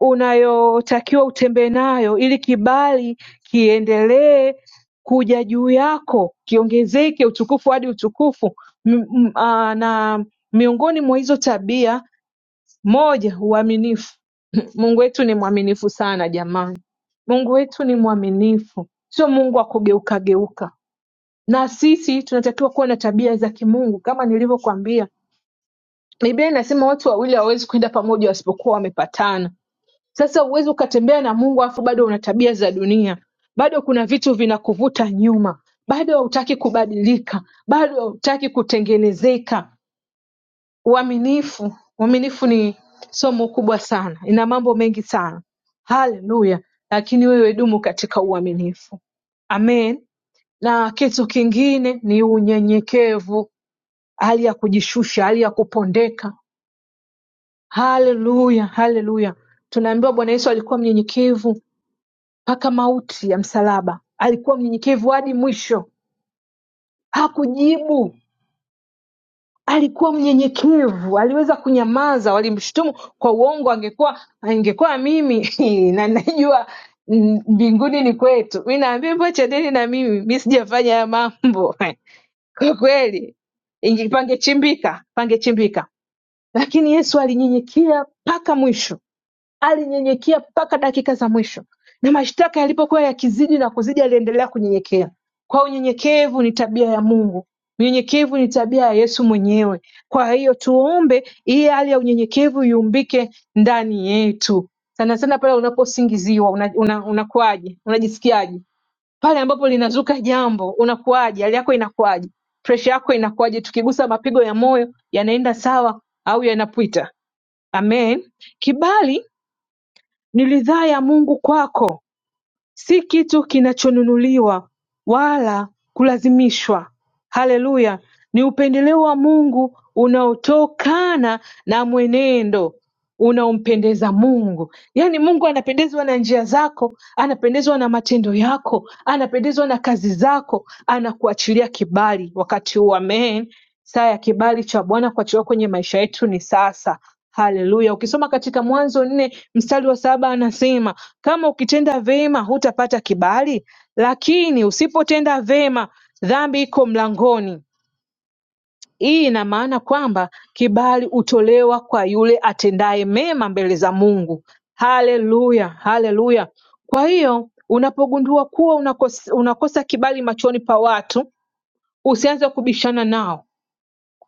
[SPEAKER 2] unayotakiwa utembee nayo ili kibali kiendelee kuja juu yako kiongezeke utukufu hadi utukufu M- m- ah, na miongoni mwa hizo tabia moja uaminifu Mungu wetu ni mwaminifu sana jamani Mungu wetu ni mwaminifu sio Mungu wa kugeukageuka na sisi tunatakiwa kuwa na tabia za kimungu kama nilivyokwambia Biblia inasema watu wawili hawawezi kwenda pamoja wasipokuwa wamepatana sasa huwezi ukatembea na Mungu alafu bado una tabia za dunia bado kuna vitu vinakuvuta nyuma bado hautaki kubadilika bado hautaki kutengenezeka Uaminifu. Uaminifu ni somo kubwa sana, ina mambo mengi sana. Haleluya! Lakini wewe dumu katika uaminifu. Amen. Na kitu kingine ni unyenyekevu, hali ya kujishusha, hali ya kupondeka. Haleluya, haleluya. Tunaambiwa Bwana Yesu alikuwa mnyenyekevu mpaka mauti ya msalaba, alikuwa mnyenyekevu hadi mwisho, hakujibu Alikuwa mnyenyekevu aliweza kunyamaza walimshutumu kwa uongo angekuwa ingekuwa mimi na najua mm, mbinguni ni kwetu mi naambia hivyo chandeni na mimi mi sijafanya haya mambo kwa kweli inge- pangechimbika pangechimbika lakini yesu alinyenyekea mpaka mwisho Alinyenyekea mpaka dakika za mwisho na mashtaka yalipokuwa yakizidi na kuzidi aliendelea kunyenyekea. Kwa unyenyekevu ni tabia ya Mungu. Unyenyekevu ni tabia ya Yesu mwenyewe. Kwa hiyo tuombe hii hali ya unyenyekevu iumbike ndani yetu. Sana sana pale unaposingiziwa una, una, unakuwaje? Unajisikiaje? Pale ambapo linazuka jambo unakuwaje? Hali yako inakuwaje? Presha yako inakuwaje? Tukigusa mapigo ya moyo yanaenda sawa au yanapita? Amen. Kibali ni ridhaa ya Mungu kwako si kitu kinachonunuliwa wala kulazimishwa haleluya ni upendeleo wa Mungu unaotokana na mwenendo unaompendeza Mungu. Yaani Mungu anapendezwa na njia zako, anapendezwa na matendo yako, anapendezwa na kazi zako, anakuachilia kibali wakati huu. Amen. Saa ya kibali cha Bwana kuachiliwa kwenye maisha yetu ni sasa. Haleluya. Ukisoma katika Mwanzo nne mstari wa saba anasema kama ukitenda vyema hutapata kibali, lakini usipotenda vyema dhambi iko mlangoni. Hii ina maana kwamba kibali hutolewa kwa yule atendaye mema mbele za Mungu. Haleluya, haleluya. Kwa hiyo unapogundua kuwa unakosa, unakosa kibali machoni pa watu, usianze kubishana nao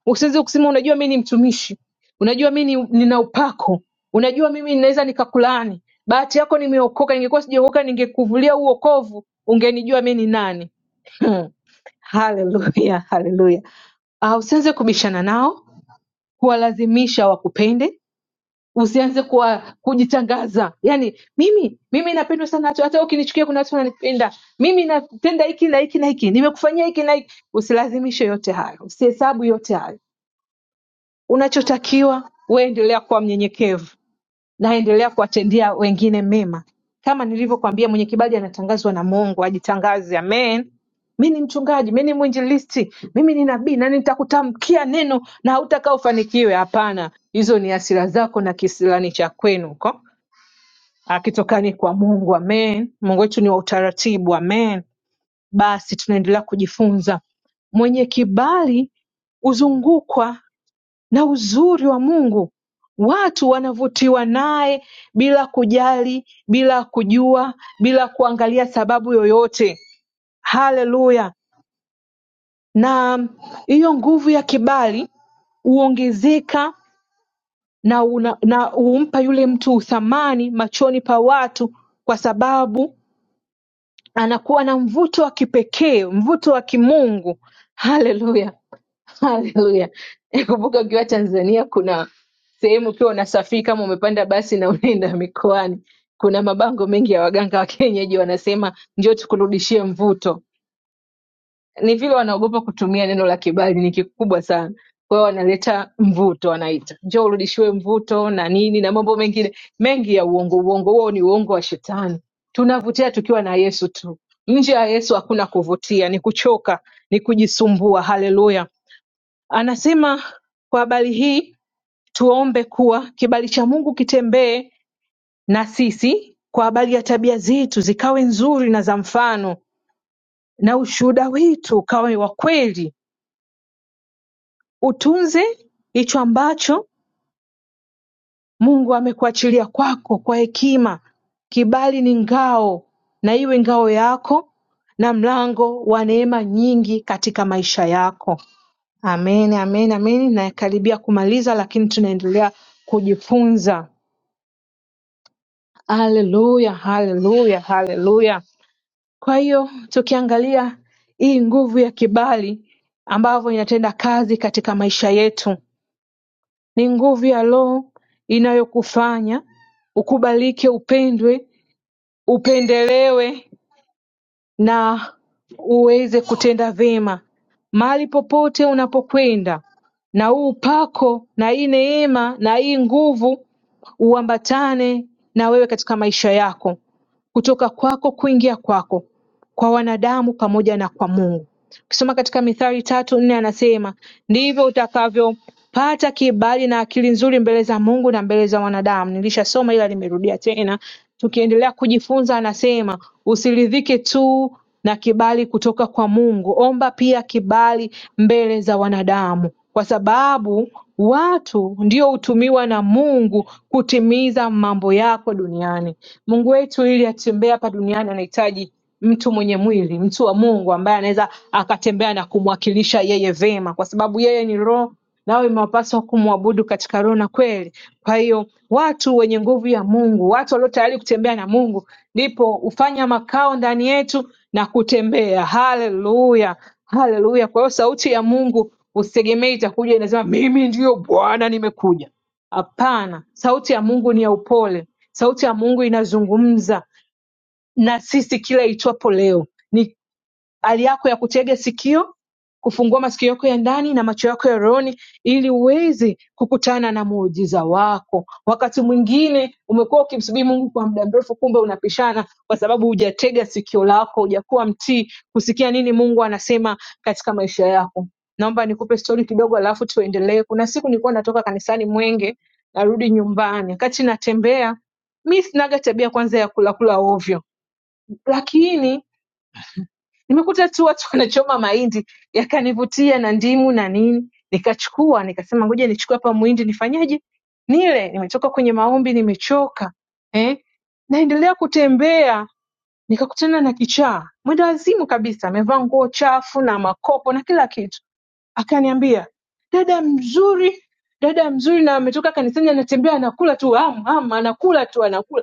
[SPEAKER 2] Usiweze kusema unajua mi ni mtumishi, unajua mi ni, nina upako, unajua mimi ninaweza nikakulaani. Bahati yako nimeokoka, ningekuwa sijaokoka ningekuvulia huu wokovu, ungenijua mi ni nani. Haleluya, haleluya. Ah, usianze kubishana nao, kuwalazimisha wakupende, usianze kuwa kujitangaza. Yani mimi mimi napendwa sana, hata hata ukinichukia kuna watu wananipenda mimi, napenda hiki na hiki na hiki, nimekufanyia hiki na hiki. Usilazimishe yote hayo, usihesabu yote hayo Unachotakiwa wewe endelea kuwa mnyenyekevu na endelea kuwatendea wengine mema. Kama nilivyokuambia mwenye kibali anatangazwa na Mungu, ajitangaze. Amen. Mi ni mchungaji, mi ni mwinjilisti, mimi ni nabii na nitakutamkia neno na hautakaa ufanikiwe. Hapana, hizo ni hasira zako na kisilani cha kwenu huko akitokani kwa Mungu. Amen. Mungu wetu ni wa utaratibu. Amen. Basi tunaendelea kujifunza mwenye kibali huzungukwa na uzuri wa Mungu watu wanavutiwa naye bila kujali bila kujua bila kuangalia sababu yoyote haleluya na hiyo nguvu ya kibali huongezeka na, una, na humpa yule mtu uthamani machoni pa watu kwa sababu anakuwa na mvuto wa kipekee mvuto wa kimungu haleluya Haleluya. Kumbuka ukiwa Tanzania kuna sehemu ukiwa unasafiri kama umepanda basi na unaenda mikoani, kuna mabango mengi ya waganga wa kienyeji wanasema njoo tukurudishie mvuto. Ni vile wanaogopa kutumia neno la kibali, ni kikubwa sana. Kwa hiyo wanaleta mvuto, wanaita njoo urudishiwe mvuto na nini na mambo mengine mengi ya uongo. Uongo huo ni uongo wa shetani. Tunavutia tukiwa na Yesu tu. Nje ya Yesu hakuna kuvutia, ni kuchoka, ni kujisumbua. Haleluya. Anasema kwa habari hii tuombe kuwa kibali cha Mungu kitembee na sisi kwa habari ya tabia zetu zikawe nzuri na za mfano, na ushuhuda wetu ukawe wa kweli. Utunze hicho ambacho Mungu amekuachilia kwako kwa hekima. Kibali ni ngao, na iwe ngao yako na mlango wa neema nyingi katika maisha yako. Amen, amen, amen. Nakaribia kumaliza, lakini tunaendelea kujifunza. Haleluya, haleluya, haleluya. Kwa hiyo tukiangalia hii nguvu ya kibali ambavyo inatenda kazi katika maisha yetu, ni nguvu ya Roho inayokufanya ukubalike, upendwe, upendelewe na uweze kutenda vyema mahali popote unapokwenda na huu upako na hii neema na hii nguvu uambatane na wewe katika maisha yako kutoka kwako kuingia kwako kwa wanadamu pamoja na kwa Mungu Ukisoma katika Mithali tatu nne anasema ndivyo utakavyopata kibali na akili nzuri mbele za Mungu na mbele za wanadamu. Nilishasoma ila nimerudia tena. Tukiendelea kujifunza, anasema usiridhike tu na kibali kutoka kwa Mungu, omba pia kibali mbele za wanadamu, kwa sababu watu ndio hutumiwa na Mungu kutimiza mambo yako duniani. Mungu wetu ili atembee hapa duniani anahitaji mtu mwenye mwili, mtu wa Mungu ambaye anaweza akatembea na kumwakilisha yeye vema, kwa sababu yeye ni roho, nawe imewapaswa kumwabudu katika roho na kweli. Kwa hiyo watu wenye nguvu ya Mungu, watu walio tayari kutembea na Mungu, ndipo hufanya makao ndani yetu na kutembea. Haleluya, haleluya! Kwa hiyo sauti ya Mungu usitegemee itakuja inasema mimi ndiyo Bwana nimekuja. Hapana, sauti ya Mungu ni ya upole. Sauti ya Mungu inazungumza na sisi kila itwapo leo. Ni hali yako ya kutega sikio, kufungua masikio yako ya ndani na macho yako ya rohoni, ili uweze kukutana na muujiza wako. Wakati mwingine umekuwa ukimsubiri Mungu kwa muda mrefu, kumbe unapishana kwa sababu hujatega sikio lako, hujakuwa mtii kusikia nini Mungu anasema katika maisha yako. Naomba nikupe stori kidogo, alafu tuendelee. Kuna siku nilikuwa natoka kanisani Mwenge, narudi nyumbani, wakati natembea mi sinaga tabia kwanza ya kulakula ovyo lakini nimekuta tu watu wanachoma mahindi yakanivutia na ndimu na nini nikachukua nikasema ngoja nichukue hapa muhindi nifanyeje nile nimetoka kwenye maombi nimechoka eh? naendelea kutembea nikakutana na kichaa mwenda wazimu kabisa amevaa nguo chafu na makopo na kila kitu akaniambia dada mzuri dada mzuri na ametoka kanisani anatembea anakula tu am, am, anakula tu anakula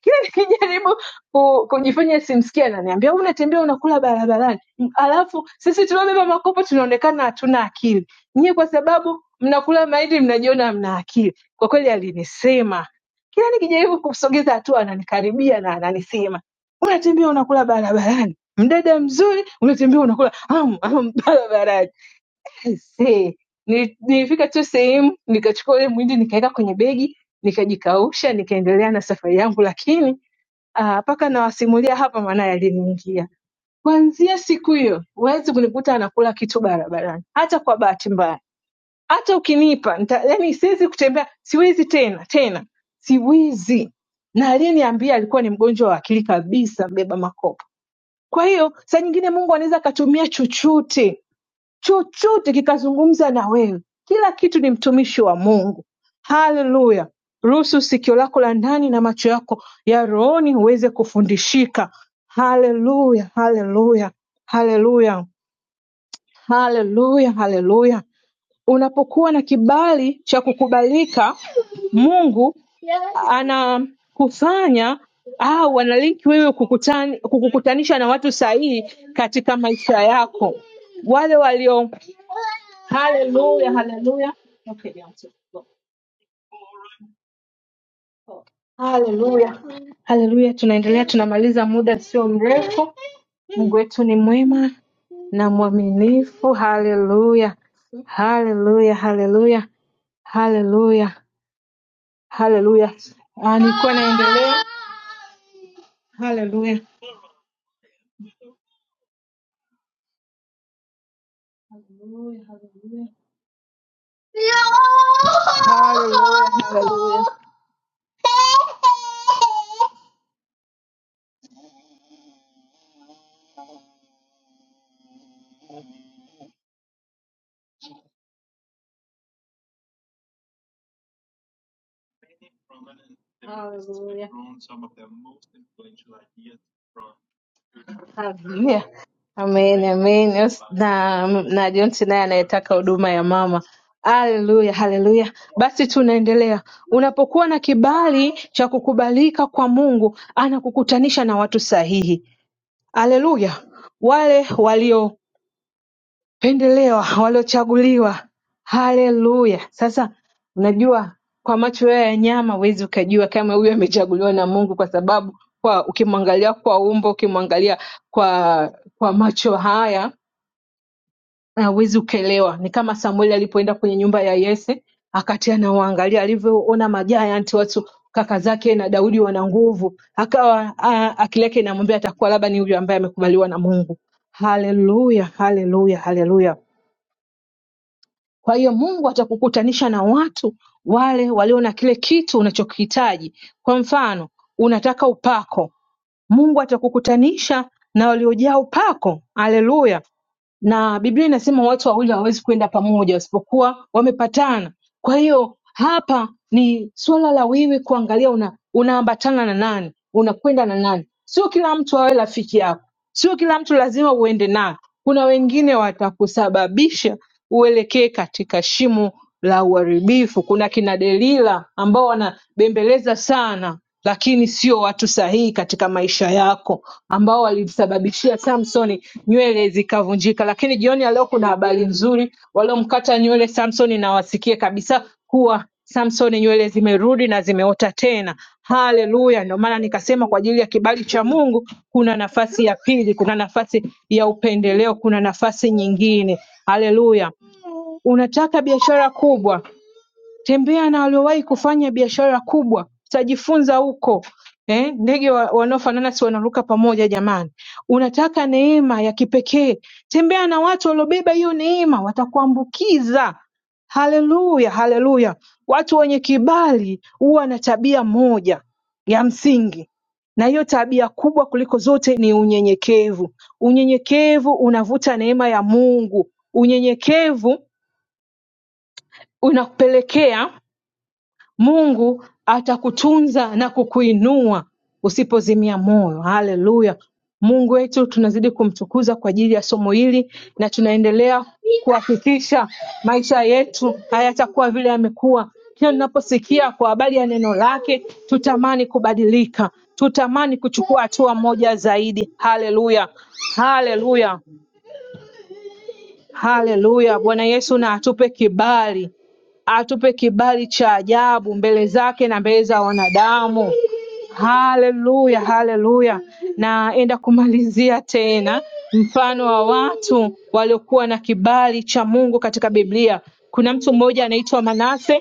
[SPEAKER 2] kila nikijaribu ku- kujifanya simsikia ananiambia "Wewe unatembea unakula barabarani M- alafu sisi tuliobeba makopo tunaonekana hatuna akili nyie kwa sababu mnakula mahindi mnajiona mna akili kwa kweli alinisema kila nikijaribu kumsogeza hatua ananikaribia na ananisema unatembea unakula barabarani mdada mzuri unatembea unakula am, am, barabarani See, nili- nilifika tu sehemu nikachukua ule mwindi nikaweka kwenye begi nikajikausha nikaendelea na safari yangu lakini Ah, mpaka uh, nawasimulia hapa maana yaliniingia. Kuanzia siku hiyo huwezi kunikuta anakula kitu barabarani, hata kwa bahati mbaya. Hata ukinipa nita, yani siwezi kutembea, siwezi tena tena, siwezi. Na aliyeniambia alikuwa ni mgonjwa wa akili kabisa, mbeba makopo. Kwa hiyo saa nyingine Mungu anaweza akatumia chochote chochote kikazungumza na wewe. Kila kitu ni mtumishi wa Mungu. Haleluya! Ruhusu sikio lako la ndani na macho yako ya rohoni uweze kufundishika. Haleluya, haleluya, haleluya, haleluya, haleluya. Unapokuwa na kibali cha kukubalika, Mungu anakufanya au analinki wewe kukutani, kukukutanisha na watu sahihi katika maisha yako wale walio Haleluya, haleluya. Okay, Beyonce, go. Haleluya, haleluya. Tunaendelea, tunamaliza muda sio mrefu. Mungu wetu ni mwema na mwaminifu. Haleluya, haleluya, haleluya, haleluya, haleluya. Ah, Nilikuwa naendelea. Haleluya, haleluya, haleluya, haleluya, haleluya. haleluya. Haleluya. Amen, amen. Yes, Na, na Jonsi naye anayetaka huduma ya mama. Haleluya, haleluya. Basi tunaendelea. Unapokuwa na kibali cha kukubalika kwa Mungu, anakukutanisha na watu sahihi. Haleluya. Wale walio pendelewa waliochaguliwa haleluya sasa unajua kwa macho wewe ya nyama huwezi ukajua kama huyu amechaguliwa na mungu kwa sababu kwa ukimwangalia kwa umbo ukimwangalia kwa kwa macho haya hawezi ukaelewa ni kama samueli alipoenda kwenye nyumba ya yese akatia nawaangalia alivyoona majayanti watu kaka zake na daudi wana nguvu akawa a- akili yake inamwambia atakuwa labda ni huyu ambaye amekubaliwa na mungu haleluya haleluya haleluya kwa hiyo Mungu atakukutanisha na watu wale walio na kile kitu unachokihitaji. Kwa mfano, unataka upako, Mungu atakukutanisha na waliojaa upako. Haleluya! na Biblia inasema watu wawili hawawezi kwenda pamoja wasipokuwa wamepatana. Kwa hiyo hapa ni suala la wewe kuangalia una unaambatana na nani, unakwenda na nani. Sio kila mtu awe rafiki yako, sio kila mtu lazima uende naye. Kuna wengine watakusababisha uelekee katika shimo la uharibifu. Kuna kina Delila ambao wanabembeleza sana lakini sio watu sahihi katika maisha yako ambao walimsababishia Samsoni nywele zikavunjika. Lakini jioni ya leo kuna habari nzuri, waliomkata nywele Samsoni na wasikie kabisa kuwa Samsoni nywele zimerudi na zimeota tena. Haleluya! Ndio maana nikasema kwa ajili ya kibali cha Mungu kuna nafasi ya pili, kuna nafasi ya upendeleo, kuna nafasi nyingine. Haleluya! Unataka biashara kubwa, tembea na waliowahi kufanya biashara kubwa utajifunza huko eh, ndege wa- wanaofanana si wanaruka pamoja jamani unataka neema ya kipekee tembea na watu waliobeba hiyo neema watakuambukiza haleluya haleluya watu wenye kibali huwa na tabia moja ya msingi na hiyo tabia kubwa kuliko zote ni unyenyekevu unyenyekevu unavuta neema ya mungu unyenyekevu unakupelekea Mungu atakutunza na kukuinua usipozimia moyo haleluya Mungu wetu tunazidi kumtukuza kwa ajili ya somo hili na tunaendelea kuhakikisha maisha yetu hayatakuwa vile yamekuwa kila tunaposikia kwa habari ya neno lake tutamani kubadilika tutamani kuchukua hatua moja zaidi haleluya haleluya Haleluya. Bwana Yesu na atupe kibali, atupe kibali cha ajabu mbele zake na mbele za wanadamu. Haleluya, haleluya. Naenda kumalizia tena mfano wa watu waliokuwa na kibali cha Mungu katika Biblia. Kuna mtu mmoja anaitwa Manase.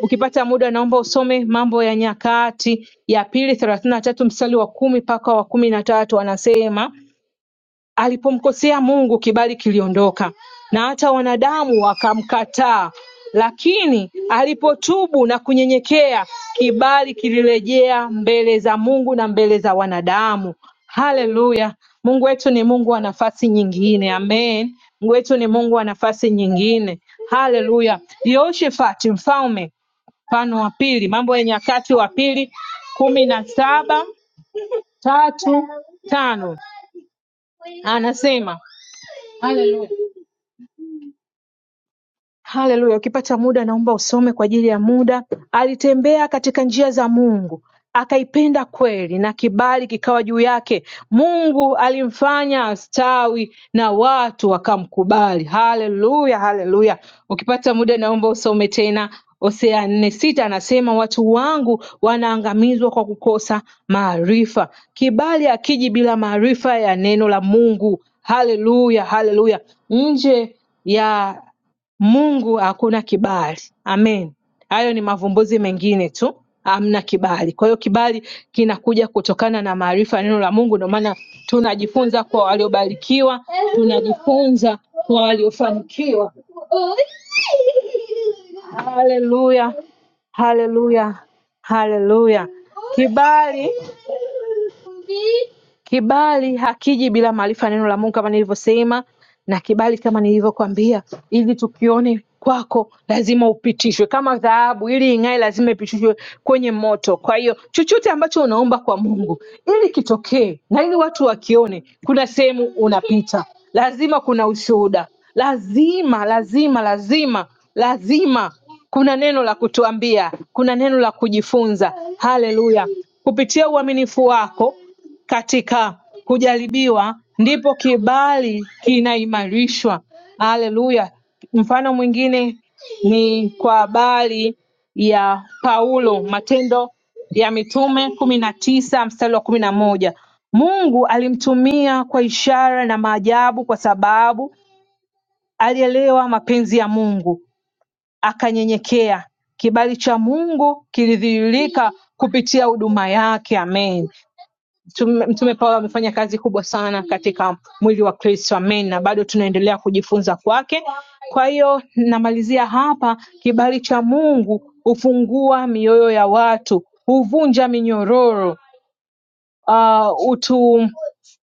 [SPEAKER 2] Ukipata muda, naomba usome Mambo ya Nyakati ya pili thelathini na tatu mstari wa kumi mpaka wa kumi na tatu. Anasema Alipomkosea Mungu kibali kiliondoka na hata wanadamu wakamkataa lakini alipotubu na kunyenyekea kibali kilirejea mbele za Mungu na mbele za wanadamu. Haleluya! Mungu wetu ni Mungu wa nafasi nyingine. Amen. Mungu wetu ni Mungu wa nafasi nyingine. Haleluya! Yehoshafati mfalme mfano wa pili, Mambo ya Nyakati wa pili kumi na saba tatu tano anasema Aleluya. Haleluya ukipata muda naomba usome kwa ajili ya muda alitembea katika njia za Mungu akaipenda kweli na kibali kikawa juu yake Mungu alimfanya astawi na watu wakamkubali haleluya haleluya ukipata muda naomba usome tena Hosea nne sita anasema watu wangu wanaangamizwa kwa kukosa maarifa. Kibali akiji bila maarifa ya neno la Mungu. Haleluya, haleluya. Nje ya Mungu hakuna kibali. Amen. Hayo ni mavumbuzi mengine tu, hamna kibali. Kwa hiyo kibali kinakuja kutokana na maarifa ya neno la Mungu. Ndio maana tunajifunza kwa waliobarikiwa, tunajifunza kwa waliofanikiwa. Haleluya, haleluya, haleluya! Kibali Kibali hakiji bila maarifa ya neno la Mungu kama nilivyosema, na kibali kama nilivyokwambia, ili tukione kwako lazima upitishwe kama dhahabu, ili ing'ae lazima ipitishwe kwenye moto. Kwa hiyo chochote ambacho unaomba kwa Mungu ili kitokee na ili watu wakione, kuna sehemu unapita, lazima kuna ushuhuda, lazima lazima lazima lazima kuna neno la kutuambia, kuna neno la kujifunza. Haleluya! Kupitia uaminifu wako katika kujaribiwa ndipo kibali kinaimarishwa. Haleluya! Mfano mwingine ni kwa habari ya Paulo, Matendo ya Mitume kumi na tisa mstari wa kumi na moja Mungu alimtumia kwa ishara na maajabu, kwa sababu alielewa mapenzi ya Mungu akanyenyekea. Kibali cha Mungu kilidhihirika kupitia huduma yake. Amen. Tume- Mtume Paulo amefanya kazi kubwa sana katika mwili wa Kristo, amen, na bado tunaendelea kujifunza kwake. Kwa hiyo namalizia hapa, kibali cha Mungu hufungua mioyo ya watu, huvunja minyororo, uh, utu,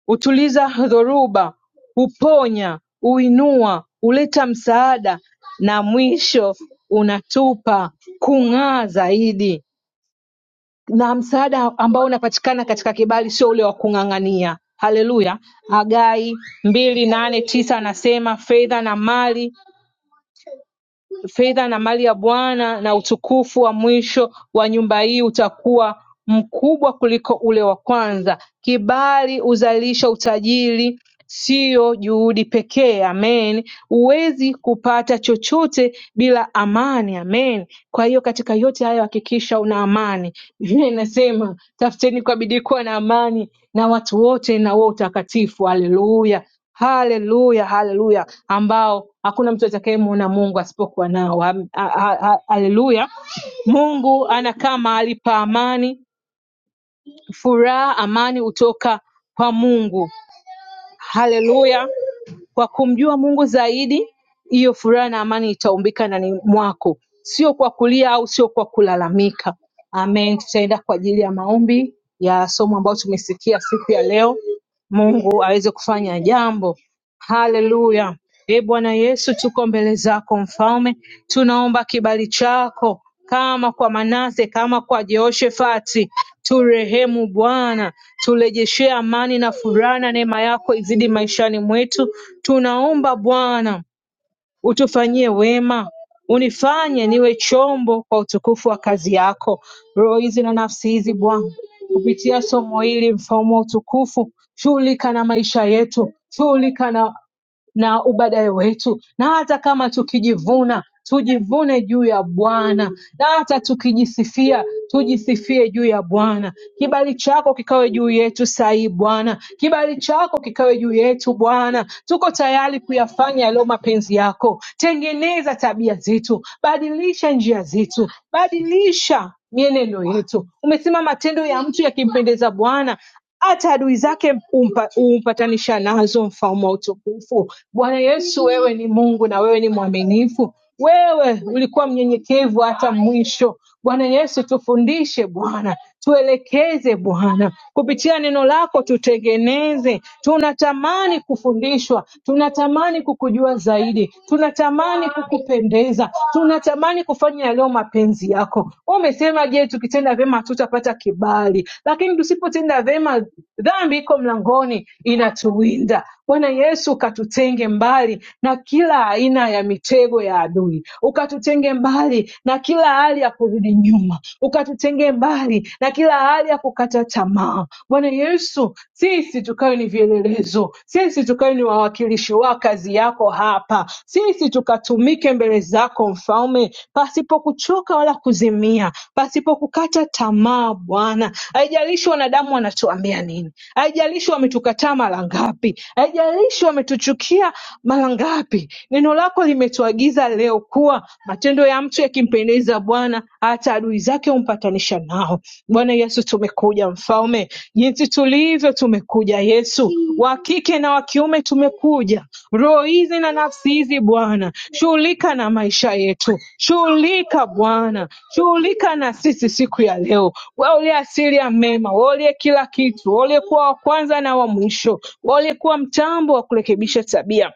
[SPEAKER 2] utuliza dhoruba, huponya, huinua, huleta msaada na mwisho unatupa kung'aa zaidi na msaada ambao unapatikana katika kibali sio ule wa kung'ang'ania haleluya hagai mbili nane tisa anasema fedha na mali fedha na mali ya Bwana na utukufu wa mwisho wa nyumba hii utakuwa mkubwa kuliko ule wa kwanza. Kibali huzalisha utajiri, siyo juhudi pekee. Amen. Huwezi kupata chochote bila amani. Amen. Kwa hiyo katika yote hayo hakikisha una amani. Biblia inasema tafuteni kwa bidii kuwa na amani na watu wote na huo utakatifu. Haleluya. Haleluya, haleluya, ambao hakuna mtu atakayemwona Mungu asipokuwa nao. Ha- ha- ha- Haleluya, Mungu anakaa mahali pa amani, furaha, amani hutoka kwa Mungu. Haleluya, kwa kumjua Mungu zaidi, hiyo furaha na amani itaumbika ndani mwako, sio kwa kulia au sio kwa kulalamika. Amen. Tutaenda kwa ajili ya maombi ya somo ambayo tumesikia siku ya leo. Mungu aweze kufanya jambo Haleluya! Ee Bwana Yesu tuko mbele zako Mfalme, tunaomba kibali chako kama kwa Manase, kama kwa Jehoshafati, turehemu Bwana, turejeshee amani na furaha, na neema yako izidi maishani mwetu. Tunaomba Bwana utufanyie wema, unifanye niwe chombo kwa utukufu wa kazi yako. Roho hizi na nafsi hizi Bwana, kupitia somo hili, mfalme wa utukufu, shughulika na maisha yetu, shughulika na na ubada wetu, na hata kama tukijivuna tujivune juu ya Bwana, na hata tukijisifia tujisifie juu ya Bwana. Kibali chako kikawe juu yetu sahii Bwana, kibali chako kikawe juu yetu Bwana. Tuko tayari kuyafanya yaliyo mapenzi yako. Tengeneza tabia zetu, badilisha njia zetu, badilisha mienendo yetu. Umesema matendo ya mtu yakimpendeza Bwana hata adui zake humpa- humpatanisha nazo mfalme wa utukufu. Bwana Yesu, wewe ni Mungu na wewe ni mwaminifu. Wewe ulikuwa mnyenyekevu hata mwisho. Bwana Yesu, tufundishe Bwana, tuelekeze Bwana, kupitia neno lako tutengeneze. Tunatamani kufundishwa, tunatamani kukujua zaidi, tunatamani kukupendeza, tunatamani Unatamani kufanya yaliyo mapenzi yako. Wewe umesema, je, tukitenda vyema hatutapata kibali? Lakini tusipotenda vyema, dhambi iko mlangoni inatuwinda. Bwana Yesu, ukatutenge mbali na kila aina ya mitego ya adui, ukatutenge mbali na kila hali ya kurudi nyuma, ukatutenge mbali na kila hali ya kukata tamaa. Bwana Yesu, sisi tukawe ni vielelezo uwezo, sisi tukawe ni wawakilishi wa kazi yako hapa, sisi tukatumike mbele zako Mfalme, pasipo kuchoka wala kuzimia, pasipo kukata tamaa Bwana. Haijalishi wanadamu wanatuambia nini, haijalishi wametukataa mara ngapi, haijalishi wametuchukia mara ngapi, neno lako limetuagiza leo kuwa matendo ya mtu yakimpendeza Bwana, hata adui zake humpatanisha nao. Bwana Yesu, tumekuja mfalme, jinsi tulivyo tumekuja Yesu, wa kike na wa kiume tumekuja, roho hizi na nafsi hizi Bwana, shughulika na maisha yetu, shughulika Bwana, shughulika na sisi siku ya leo. Wewe uliye asili ya mema, wewe uliye kila kitu, wewe uliyekuwa wa kwanza na wa mwisho, wewe uliyekuwa mtambo wa kurekebisha tabia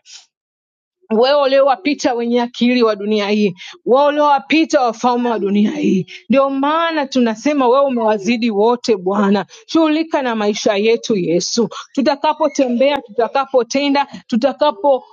[SPEAKER 2] wewe uliowapita wenye akili wa dunia hii, wewe uliowapita wafalme wa dunia hii. Ndio maana tunasema wewe umewazidi wote Bwana. Shughulika na maisha yetu Yesu, tutakapotembea, tutakapotenda, tutakapo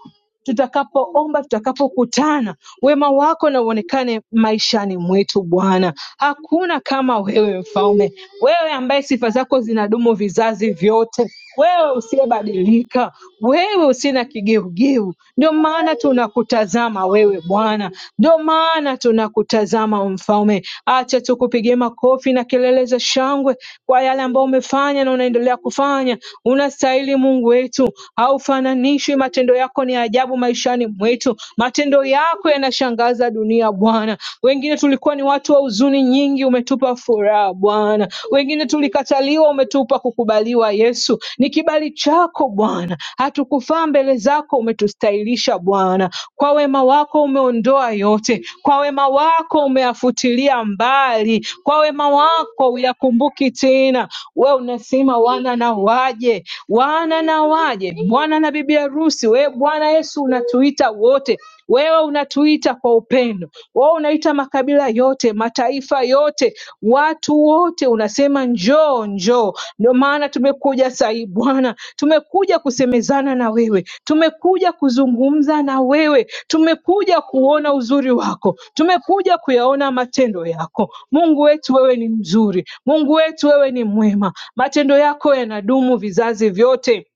[SPEAKER 2] tutakapoomba, tutakapokutana, wema wako na uonekane maishani mwetu Bwana. Hakuna kama wewe Mfalme, wewe ambaye sifa zako zinadumu vizazi vyote, wewe usiyebadilika, wewe usiye na kigeugeu. Ndio maana tunakutazama wewe Bwana, ndio maana tunakutazama Mfalme. Acha tukupigie makofi na kelele za shangwe kwa yale ambayo umefanya na unaendelea kufanya. Unastahili Mungu wetu, haufananishwi. Matendo yako ni ajabu maishani mwetu, matendo yako yanashangaza dunia Bwana. Wengine tulikuwa ni watu wa huzuni nyingi, umetupa furaha Bwana. Wengine tulikataliwa, umetupa kukubaliwa. Yesu, ni kibali chako Bwana, hatukufaa mbele zako, umetustahilisha Bwana. Kwa wema wako umeondoa yote, kwa wema wako umeyafutilia mbali, kwa wema wako uyakumbuki tena. Wewe unasema wana na waje waje, wana na waje, bwana na bibi harusi. Wewe Bwana Yesu unatuita wote, wewe unatuita kwa upendo, wewe unaita makabila yote, mataifa yote, watu wote, unasema njoo, njoo. Ndio maana tumekuja sahii Bwana, tumekuja kusemezana na wewe, tumekuja kuzungumza na wewe, tumekuja kuona uzuri wako, tumekuja kuyaona matendo yako. Mungu wetu, wewe ni mzuri, Mungu wetu, wewe ni mwema. Matendo yako yanadumu vizazi vyote.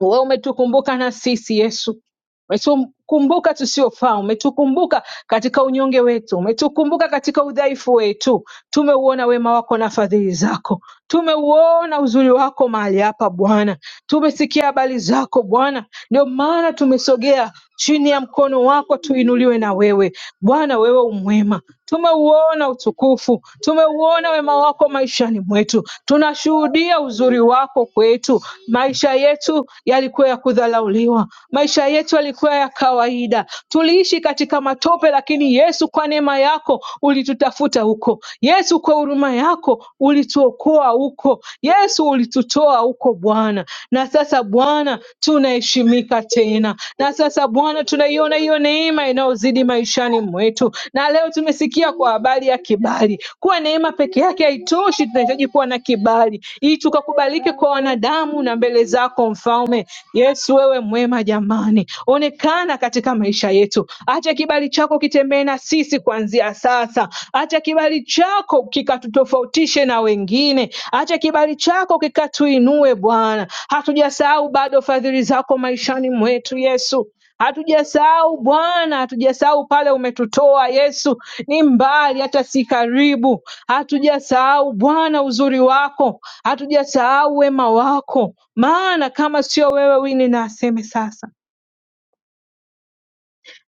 [SPEAKER 2] Wewe umetukumbuka na sisi Yesu, umetukumbuka tusiofaa, umetukumbuka katika unyonge wetu, umetukumbuka katika udhaifu wetu. Tumeuona wema wako na fadhili zako, tumeuona uzuri wako mahali hapa Bwana Tumesikia habari zako Bwana, ndio maana tumesogea chini ya mkono wako tuinuliwe na wewe Bwana. Wewe umwema, tumeuona utukufu, tumeuona wema wako maishani mwetu, tunashuhudia uzuri wako kwetu. Maisha yetu yalikuwa ya kudharauliwa, maisha yetu yalikuwa ya kawaida, tuliishi katika matope, lakini Yesu, kwa neema yako ulitutafuta huko. Yesu, kwa huruma yako ulituokoa huko. Yesu, ulitu ulitutoa huko Bwana, na sasa Bwana tunaheshimika tena, na sasa Bwana tunaiona hiyo neema inayozidi maishani mwetu, na leo tumesikia kwa habari ya kibali. Kuwa neema peke yake haitoshi, tunahitaji kuwa na kibali ili tukakubalike kwa wanadamu na mbele zako Mfalme Yesu. Wewe mwema jamani, onekana katika maisha yetu, acha kibali chako kitembee na sisi kuanzia sasa, acha kibali chako kikatutofautishe na wengine Acha kibali chako kikatuinue Bwana. Hatujasahau bado fadhili zako maishani mwetu Yesu. Hatujasahau Bwana, hatujasahau pale umetutoa Yesu, ni mbali hata si karibu. Hatujasahau Bwana uzuri wako, hatujasahau wema wako, maana kama sio wewe wini na aseme sasa.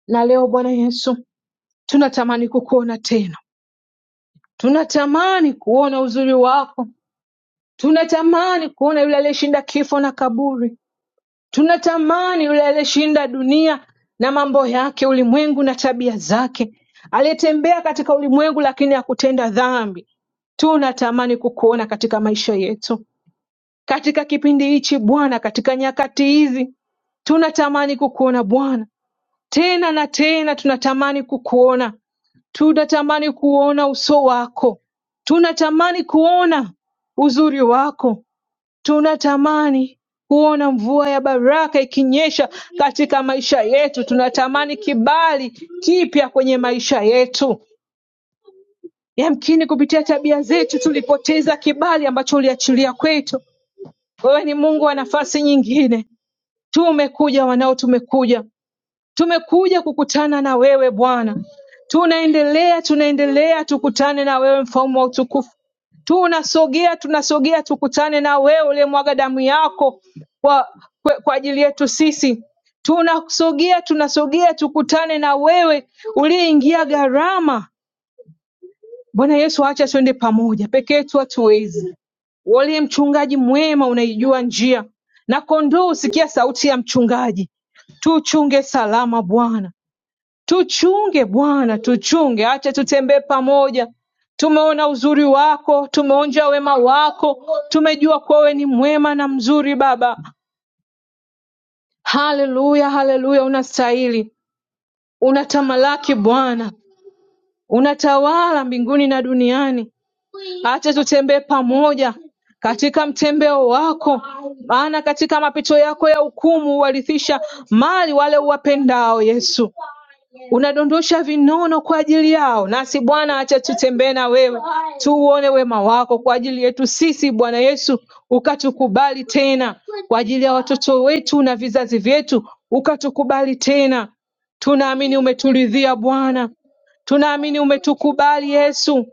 [SPEAKER 2] Na leo Bwana Yesu, tunatamani kukuona tena, tunatamani kuona uzuri wako, tunatamani kuona yule aliyeshinda kifo na kaburi, Tunatamani yule aliyeshinda dunia na mambo yake, ulimwengu na tabia zake, aliyetembea katika ulimwengu lakini hakutenda dhambi. Tunatamani kukuona katika maisha yetu, katika kipindi hichi Bwana, katika nyakati hizi tunatamani kukuona Bwana tena na tena, tunatamani kukuona, tunatamani kuona uso wako, tunatamani kuona uzuri wako, Tunatamani kuona mvua ya baraka ikinyesha katika maisha yetu. Tunatamani kibali kipya kwenye maisha yetu. Yamkini kupitia tabia zetu tulipoteza kibali ambacho uliachilia kwetu. Wewe ni Mungu wa nafasi nyingine. Tumekuja wanao, tumekuja Tumekuja kukutana na wewe Bwana, tunaendelea tunaendelea, tukutane na wewe mfalme wa utukufu. Tunasogea tunasogea, tukutane na wewe uliyemwaga damu yako kwa, kwa, kwa ajili yetu sisi. Tunasogea tunasogea, tukutane na wewe uliyeingia gharama. Bwana Yesu, acha tuende pamoja, peke yetu hatuwezi waliye mchungaji mwema, unaijua njia na kondoo husikia sauti ya mchungaji. Tuchunge salama Bwana, Tuchunge Bwana tuchunge acha tutembee pamoja tumeona uzuri wako tumeonja wema wako tumejua kuwa wewe ni mwema na mzuri baba haleluya haleluya unastahili unatamalaki bwana unatawala mbinguni na duniani acha tutembee pamoja katika mtembeo wako, maana katika mapito yako ya hukumu huwarithisha mali wale uwapendao. Yesu, unadondosha vinono kwa ajili yao, nasi Bwana, acha tutembee na wewe, tuuone wema wako kwa ajili yetu sisi. Bwana Yesu, ukatukubali tena kwa ajili ya watoto wetu na vizazi vyetu, ukatukubali tena. Tunaamini umeturidhia Bwana Tunaamini umetukubali Yesu,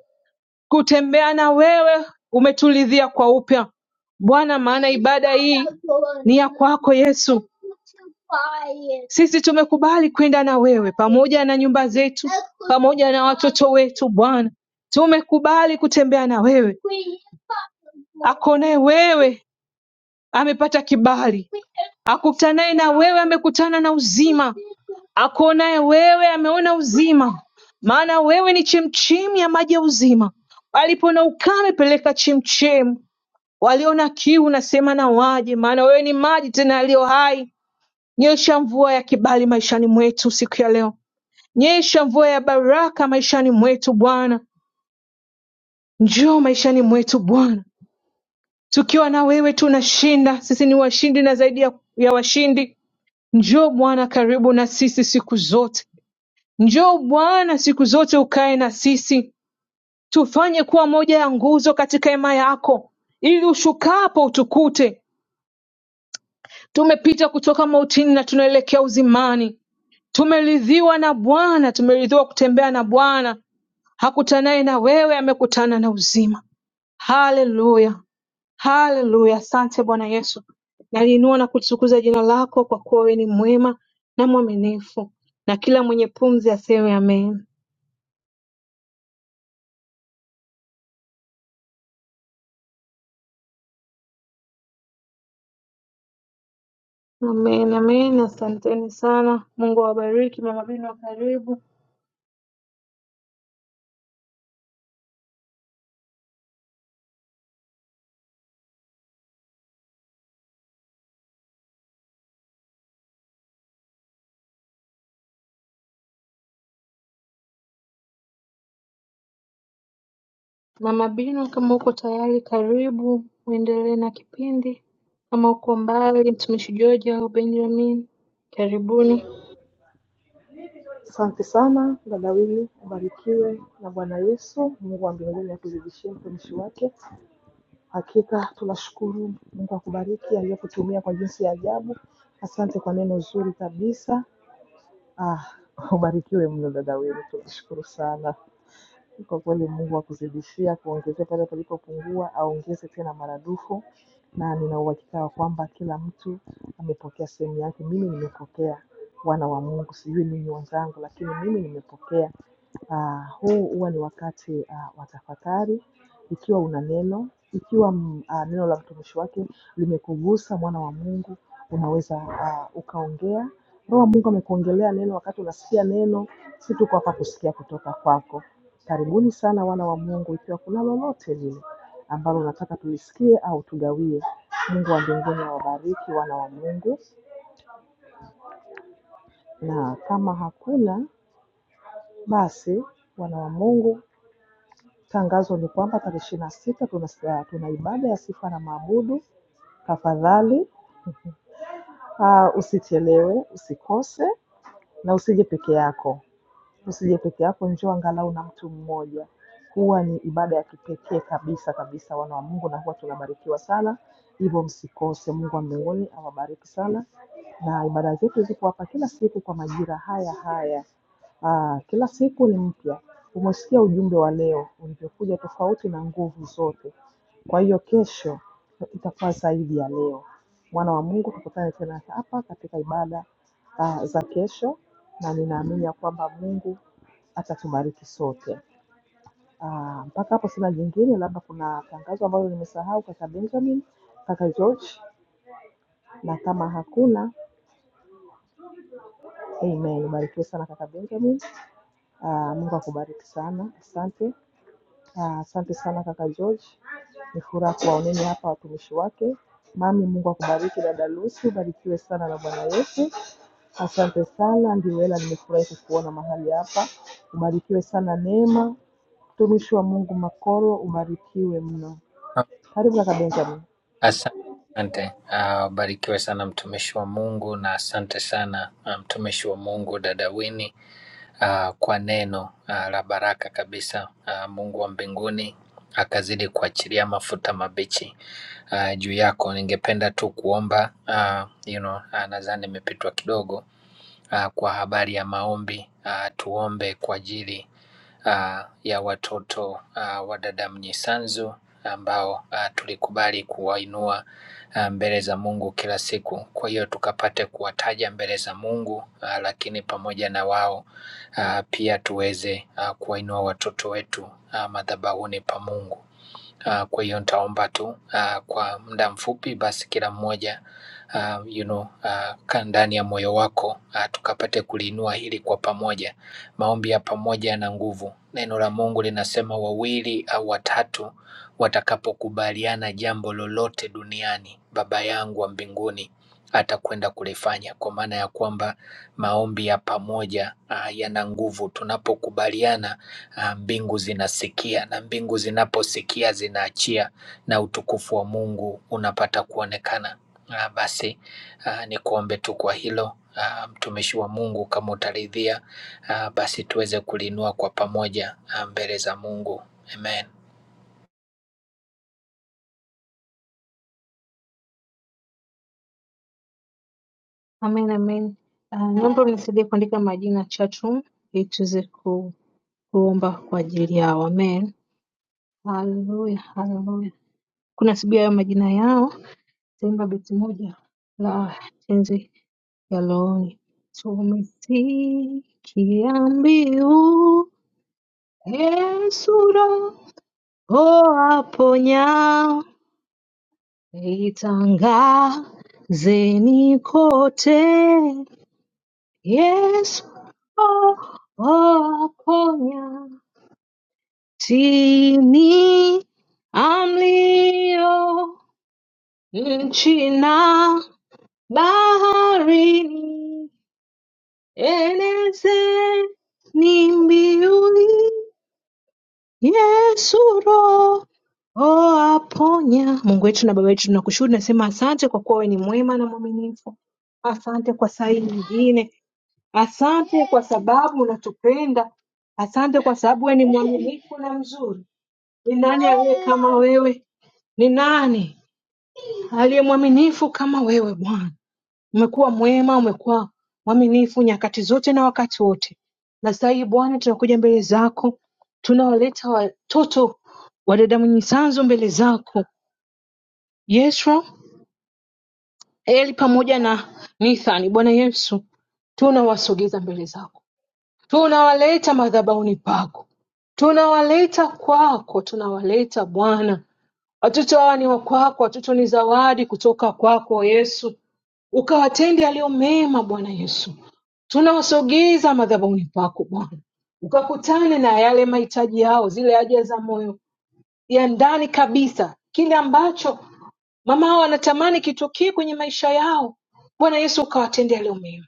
[SPEAKER 2] kutembea na wewe umetulidhia kwa upya Bwana, maana ibada hii ni ya kwako Yesu. Sisi tumekubali kwenda na wewe pamoja na nyumba zetu, pamoja na watoto wetu. Bwana, tumekubali kutembea na wewe. Akonaye wewe amepata kibali Akutanaye na wewe amekutana na uzima, akuonaye wewe ameona uzima, maana wewe ni chemchemi ya maji ya uzima. Walipoona ukame, peleka chemchemi. Waliona kiu, nasema na waje, maana wewe ni maji tena yaliyo hai. Nyesha mvua ya kibali maishani mwetu siku ya leo, nyesha mvua ya baraka maishani mwetu Bwana. Njoo maishani mwetu Bwana, tukiwa na wewe tunashinda. Sisi ni washindi na zaidi ya, ya washindi. Njoo Bwana karibu na sisi siku zote. Njoo Bwana siku zote ukae na sisi, tufanye kuwa moja ya nguzo katika hema yako, ili ushukapo utukute tumepita kutoka mautini na tunaelekea uzimani. Tumeridhiwa na Bwana, tumeridhiwa kutembea na Bwana. Hakutanaye na wewe amekutana na uzima. Haleluya! Haleluya! Asante Bwana Yesu. Naliinua na kutukuza jina lako kwa kuwa wewe ni mwema na mwaminifu, na kila mwenye pumzi aseme amen. Amen, amen. Asanteni sana. Mungu awabariki. Mama Bino, karibu. Mama Bino, kama uko tayari, karibu uendelee na kipindi. Kama uko mbali, mtumishi George au Benjamin, karibuni.
[SPEAKER 1] Ubarikiwe na Bwana Yesu, Mungu wa mbinguni akuzidishie mtumishi wake. Hakika tunashukuru Mungu akubariki aliyokutumia kwa jinsi ya ajabu. Asante kwa neno zuri kabisa. Ah, ubarikiwe mno dada Wini, tunashukuru sana. Kwa kweli Mungu akuzidishia kuongezea pale palipopungua, aongeze tena maradufu, na nina uhakika wa kwamba kila mtu amepokea sehemu yake. Mimi nimepokea, wana wa Mungu, sijui ninyi wenzangu, lakini mimi nimepokea. Ah, huu huwa ni wakati ah, wa tafakari ikiwa una neno, ikiwa mm, ah, neno la mtumishi wake limekugusa, mwana wa Mungu, unaweza ah, ukaongea. Roho wa Mungu amekuongelea neno wakati unasikia neno, si tuko hapa kusikia kutoka kwako. Karibuni sana wana wa Mungu, ikiwa kuna lolote lile ambalo unataka tulisikie au tugawie, Mungu wa mbinguni awabariki wana wa Mungu, na kama hakuna basi, wana wa Mungu, tangazo ni kwamba tarehe ishirini na sita tuna, ah, tuna ibada ya sifa na maabudu Tafadhali ah, usichelewe, usikose na usije peke yako. Usije peke yako, njoo angalau na mtu mmoja. Huwa ni ibada ya kipekee kabisa kabisa, wana wa Mungu, na huwa tunabarikiwa sana. Hivyo msikose. Mungu wa mbinguni awabariki sana, na ibada zetu ziko hapa kila siku kwa majira haya haya. Ah, kila siku ni mpya. Umesikia ujumbe wa leo ulivyokuja tofauti na nguvu zote Kwa hiyo kesho itakuwa zaidi ya leo. Mwana wa Mungu, tukutane tena hapa katika ibada ah, za kesho, na ninaamini ya kwamba Mungu atatubariki sote. Ah, Mpaka labda kuna tangazo hau kaka Benjamin, eh, eh, nimekuona hapa. Ubarikiwe wema, mtumishi wa Mungu Makoro, ubarikiwe Benjamin.
[SPEAKER 3] Asante, asante. Ah, Ubarikiwe sana mtumishi wa Mungu na asante sana ah, mtumishi wa Mungu dada Winnie ah, kwa neno ah, la baraka kabisa. Ah, Mungu wa mbinguni akazidi kuachilia mafuta mabichi ah, juu yako. Ningependa tu kuomba ah, you know, ah, nadhani nimepitwa kidogo ah, kwa habari ya maombi ah, tuombe kwa ajili uh, ya watoto uh, wa dada Mnyisanzu ambao uh, tulikubali kuwainua uh, mbele za Mungu kila siku. Kwa hiyo tukapate kuwataja mbele za Mungu uh, lakini pamoja na wao uh, pia tuweze uh, kuwainua watoto wetu uh, madhabahuni pa Mungu. Uh, kwa hiyo nitaomba tu uh, kwa muda mfupi, basi kila mmoja uh, you know, uh, kaa ndani ya moyo wako uh, tukapate kuliinua hili kwa pamoja. Maombi ya pamoja yana nguvu. Neno la Mungu linasema wawili au watatu watakapokubaliana jambo lolote duniani, Baba yangu wa mbinguni atakwenda kulifanya, kwa maana ya kwamba maombi ya pamoja ah, yana nguvu. Tunapokubaliana ah, mbingu zinasikia, na mbingu zinaposikia zinaachia, na utukufu wa Mungu unapata kuonekana ah, basi ah, ni kuombe tu kwa hilo ah, mtumishi wa Mungu, kama utaridhia ah, basi tuweze kulinua kwa pamoja ah, mbele za Mungu. Amen.
[SPEAKER 2] Amen, amen. Uh, naomba mnisaidie kuandika majina chatroom ili tuweze ku, kuomba kwa ajili yao. Amen. Haleluya, haleluya. Kunasibia hayo majina yao, taimba beti moja la tenzi ya Leoni. Tumesikia mbiu Yesu Roho aponya, itangazeni kote, Yesu Roho aponya, tini amlio nchi na Baharini elezeni mbiuni, Yesu Roho aponya. Mungu wetu na Baba yetu, tunakushukuru nasema asante kwa kuwa wewe ni mwema na mwaminifu. Asante kwa saa hii nyingine, asante kwa sababu unatupenda, asante kwa sababu wewe ni mwaminifu na mzuri. Ni nani aliye kama wewe? Ni nani aliye mwaminifu kama wewe Bwana? Umekuwa mwema, umekuwa mwaminifu nyakati zote na wakati wote. Na sasa hivi Bwana, tunakuja mbele zako, tunawaleta watoto wa dada Mnyisanzu mbele zako, Yeswa, Eli pamoja na Nithani. Bwana Yesu, tunawasogeza mbele zako, tunawaleta madhabahuni pako, tunawaleta kwako, tunawaleta Bwana. Watoto hawa ni wa kwako, watoto ni zawadi kutoka kwako Yesu ukawatende yaliyo mema, Bwana Yesu. Tunawasogeza madhabahuni pako Bwana, ukakutane na yale mahitaji yao, zile haja za moyo ya ndani kabisa, kile ambacho mama hao wanatamani kitokee kwenye maisha yao. Bwana Yesu, ukawatende yaliyo mema,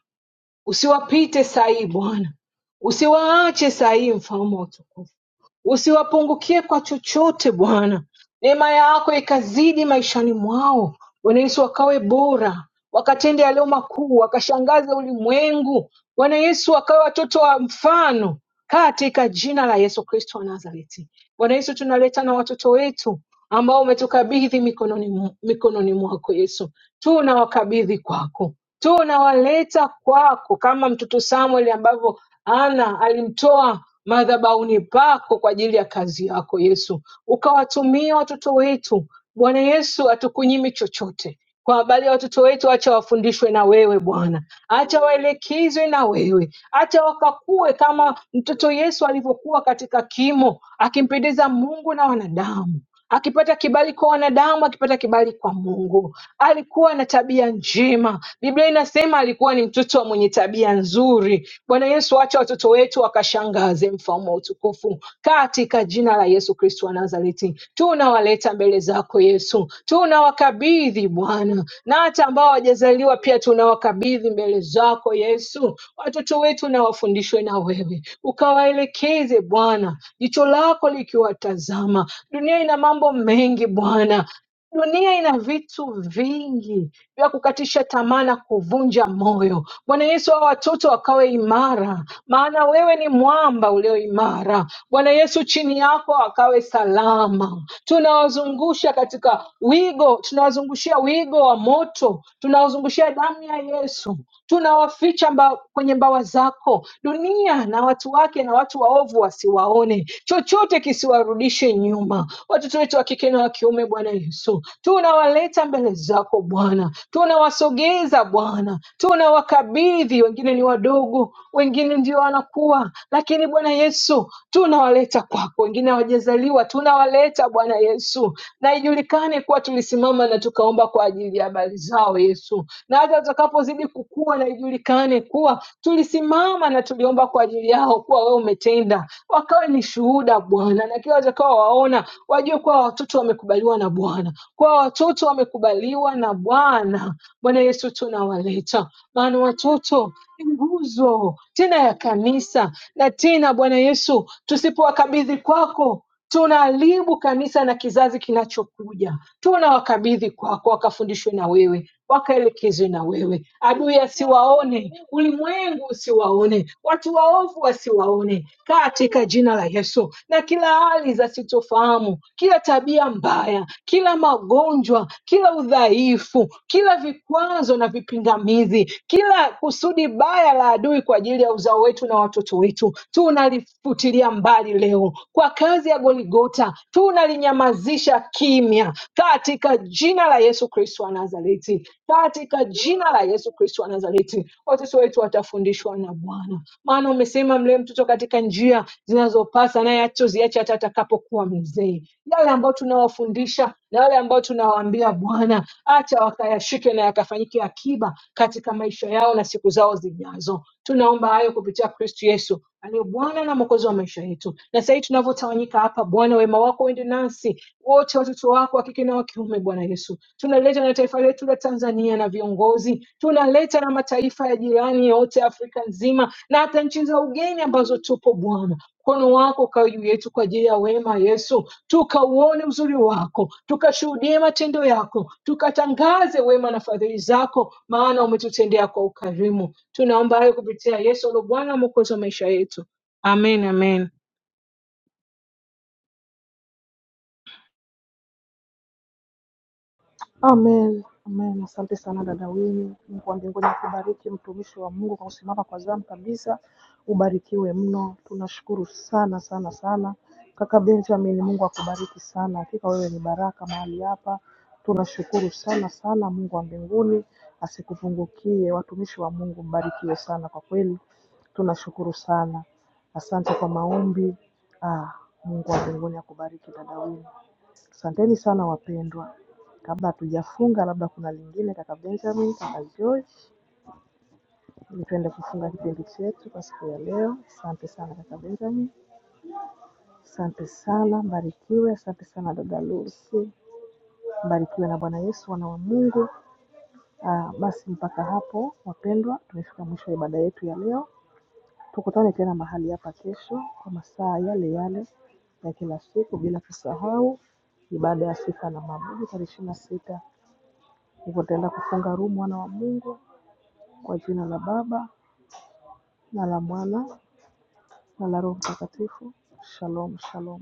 [SPEAKER 2] usiwapite saa hii Bwana, usiwaache saa hii, mfalme wa utukufu usiwapungukie kwa chochote Bwana neema yako ikazidi maishani mwao Bwana Yesu wakawe bora wakatende yaliyo makuu wakashangaze ulimwengu Bwana Yesu wakawe watoto wa mfano katika jina la Yesu Kristo wa Nazareti Bwana Yesu, tunaletana watoto wetu ambao umetukabidhi mikononi, mu- mikononi mwako Yesu, tunawakabidhi kwako, tunawaleta kwako kama mtoto Samuel ambavyo Ana alimtoa madhabahuni pako kwa ajili ya kazi yako Yesu, ukawatumia watoto wetu Bwana Yesu, hatukunyimi chochote. Kwa habari ya watoto wetu, acha wafundishwe na wewe Bwana, acha waelekezwe na wewe, acha wakakue kama mtoto Yesu alivyokuwa katika kimo, akimpendeza Mungu na wanadamu akipata kibali kwa wanadamu, akipata kibali kwa Mungu. Alikuwa na tabia njema, Biblia inasema alikuwa ni mtoto wa mwenye tabia nzuri. Bwana Yesu, acha watoto wetu wakashangaze mfalme wa utukufu, katika jina la Yesu Kristo wa Nazareti tunawaleta mbele mbele zako Yesu. Tunawakabidhi Bwana na hata ambao hawajazaliwa pia tunawakabidhi mbele zako Yesu. Watoto wetu na wafundishwe na wewe, ukawaelekeze Bwana, jicho lako likiwatazama. Dunia ina mambo mengi Bwana, Dunia ina vitu vingi vya kukatisha tamaa na kuvunja moyo. Bwana Yesu, hawa watoto wakawe imara, maana wewe ni mwamba ulio imara. Bwana Yesu, chini yako wakawe salama. Tunawazungusha katika wigo, tunawazungushia wigo wa moto, tunawazungushia damu ya Yesu, tunawaficha mba, kwenye mbawa zako. Dunia na watu wake na watu waovu wasiwaone, chochote kisiwarudishe nyuma. Watoto wetu wa kike na wa kiume, Bwana Yesu, tunawaleta mbele zako Bwana, tunawasogeza Bwana, tunawakabidhi. Wengine ni wadogo, wengine ndio wanakuwa, lakini Bwana Yesu tunawaleta kwako, wengine hawajazaliwa waliozaliwa tunawaleta Bwana Yesu, na ijulikane kuwa tulisimama na tukaomba kwa ajili ya habari zao Yesu, na hata watakapozidi kukua, na ijulikane kuwa tulisimama na tuliomba kwa ajili yao, kuwa wewe umetenda, wakawe ni shuhuda Bwana, na kila watakao waona wajue kuwa watoto wamekubaliwa na Bwana, kuwa watoto wamekubaliwa na Bwana. Bwana Yesu, tunawaleta maana watoto ni nguzo tena ya kanisa, na tena Bwana Yesu, tusipowakabidhi kwako tunaharibu kanisa na kizazi kinachokuja. Tunawakabidhi kwako, wakafundishwe na wewe, wakaelekezwe na wewe, adui asiwaone, ulimwengu usiwaone, watu waovu wasiwaone, katika jina la Yesu. Na kila hali za sitofahamu, kila tabia mbaya, kila magonjwa, kila udhaifu, kila vikwazo na vipingamizi, kila kusudi baya baya la adui kwa ajili ya uzao wetu na watoto wetu tunalifutilia mbali leo kwa kazi ya Goligota, tunalinyamazisha kimya katika jina la Yesu Kristo wa Nazareti, katika jina la Yesu Kristo wa Nazareti. Watoto wetu watafundishwa na Bwana, maana umesema mlee mtoto katika njia zinazopasa, naye hatoziacha hata atakapokuwa mzee. Yale ambayo tunawafundisha na wale ambao tunawaambia Bwana, acha wakayashike na yakafanyike akiba katika maisha yao na siku zao zijazo. Tunaomba hayo kupitia Kristu Yesu aliye Bwana na Mwokozi wa maisha yetu. Na sasa hivi tunavyotawanyika hapa, Bwana, wema wako uende nasi wote, watoto wako wa kike na wa kiume. Bwana Yesu, tunaleta na taifa letu la Tanzania na viongozi, tunaleta na mataifa ya jirani yote, Afrika nzima na hata nchi za ugeni ambazo tupo Bwana mkono wako ukawe juu yetu kwa ajili ya wema Yesu tukauone uzuri wako, tukashuhudie matendo yako, tukatangaze wema na fadhili zako, maana umetutendea kwa ukarimu. Tunaomba hayo kupitia Yesu, lo Bwana Mwokozi wa maisha yetu. Amen, amen.
[SPEAKER 1] Amen. Amen. Asante sana dada Winnie. Mungu wa mbinguni akubariki mtumishi wa Mungu kwa kusimama kwa zamu kabisa Ubarikiwe mno. Tunashukuru sana sana sana kaka Benjamin, Mungu akubariki sana. Hakika wewe ni baraka mahali hapa, tunashukuru sana. Mungu asikupungukie. Watumishi wa Mungu kiwe sana kwa kweli, tunashukuru sana. Asante kwa maombi. Ah, Mungu wa mbinguni akubariki dada Wini. Asanteni sana wapendwa. Kabla hatujafunga, labda kuna lingine, kaka Benjamin, kaka George, ili tuende kufunga kipindi chetu kwa siku ya leo. Asante sana kaka Benjamin. Asante sana, mbarikiwe. Asante sana dada Lucy, mbarikiwe na Bwana Yesu, wana wa Mungu. Ah, basi mpaka hapo wapendwa, tumefika mwisho wa ibada yetu ya leo. Tukutane tena mahali hapa kesho kwa masaa yale yale ya kila siku, bila kusahau ibada ya sifa na mabudu tarehe ishirini na sita. Hivyo tutaenda kufunga rumu, wana wa Mungu, kwa jina la Baba na la Mwana na la Roho Mtakatifu. Shalom, shalom.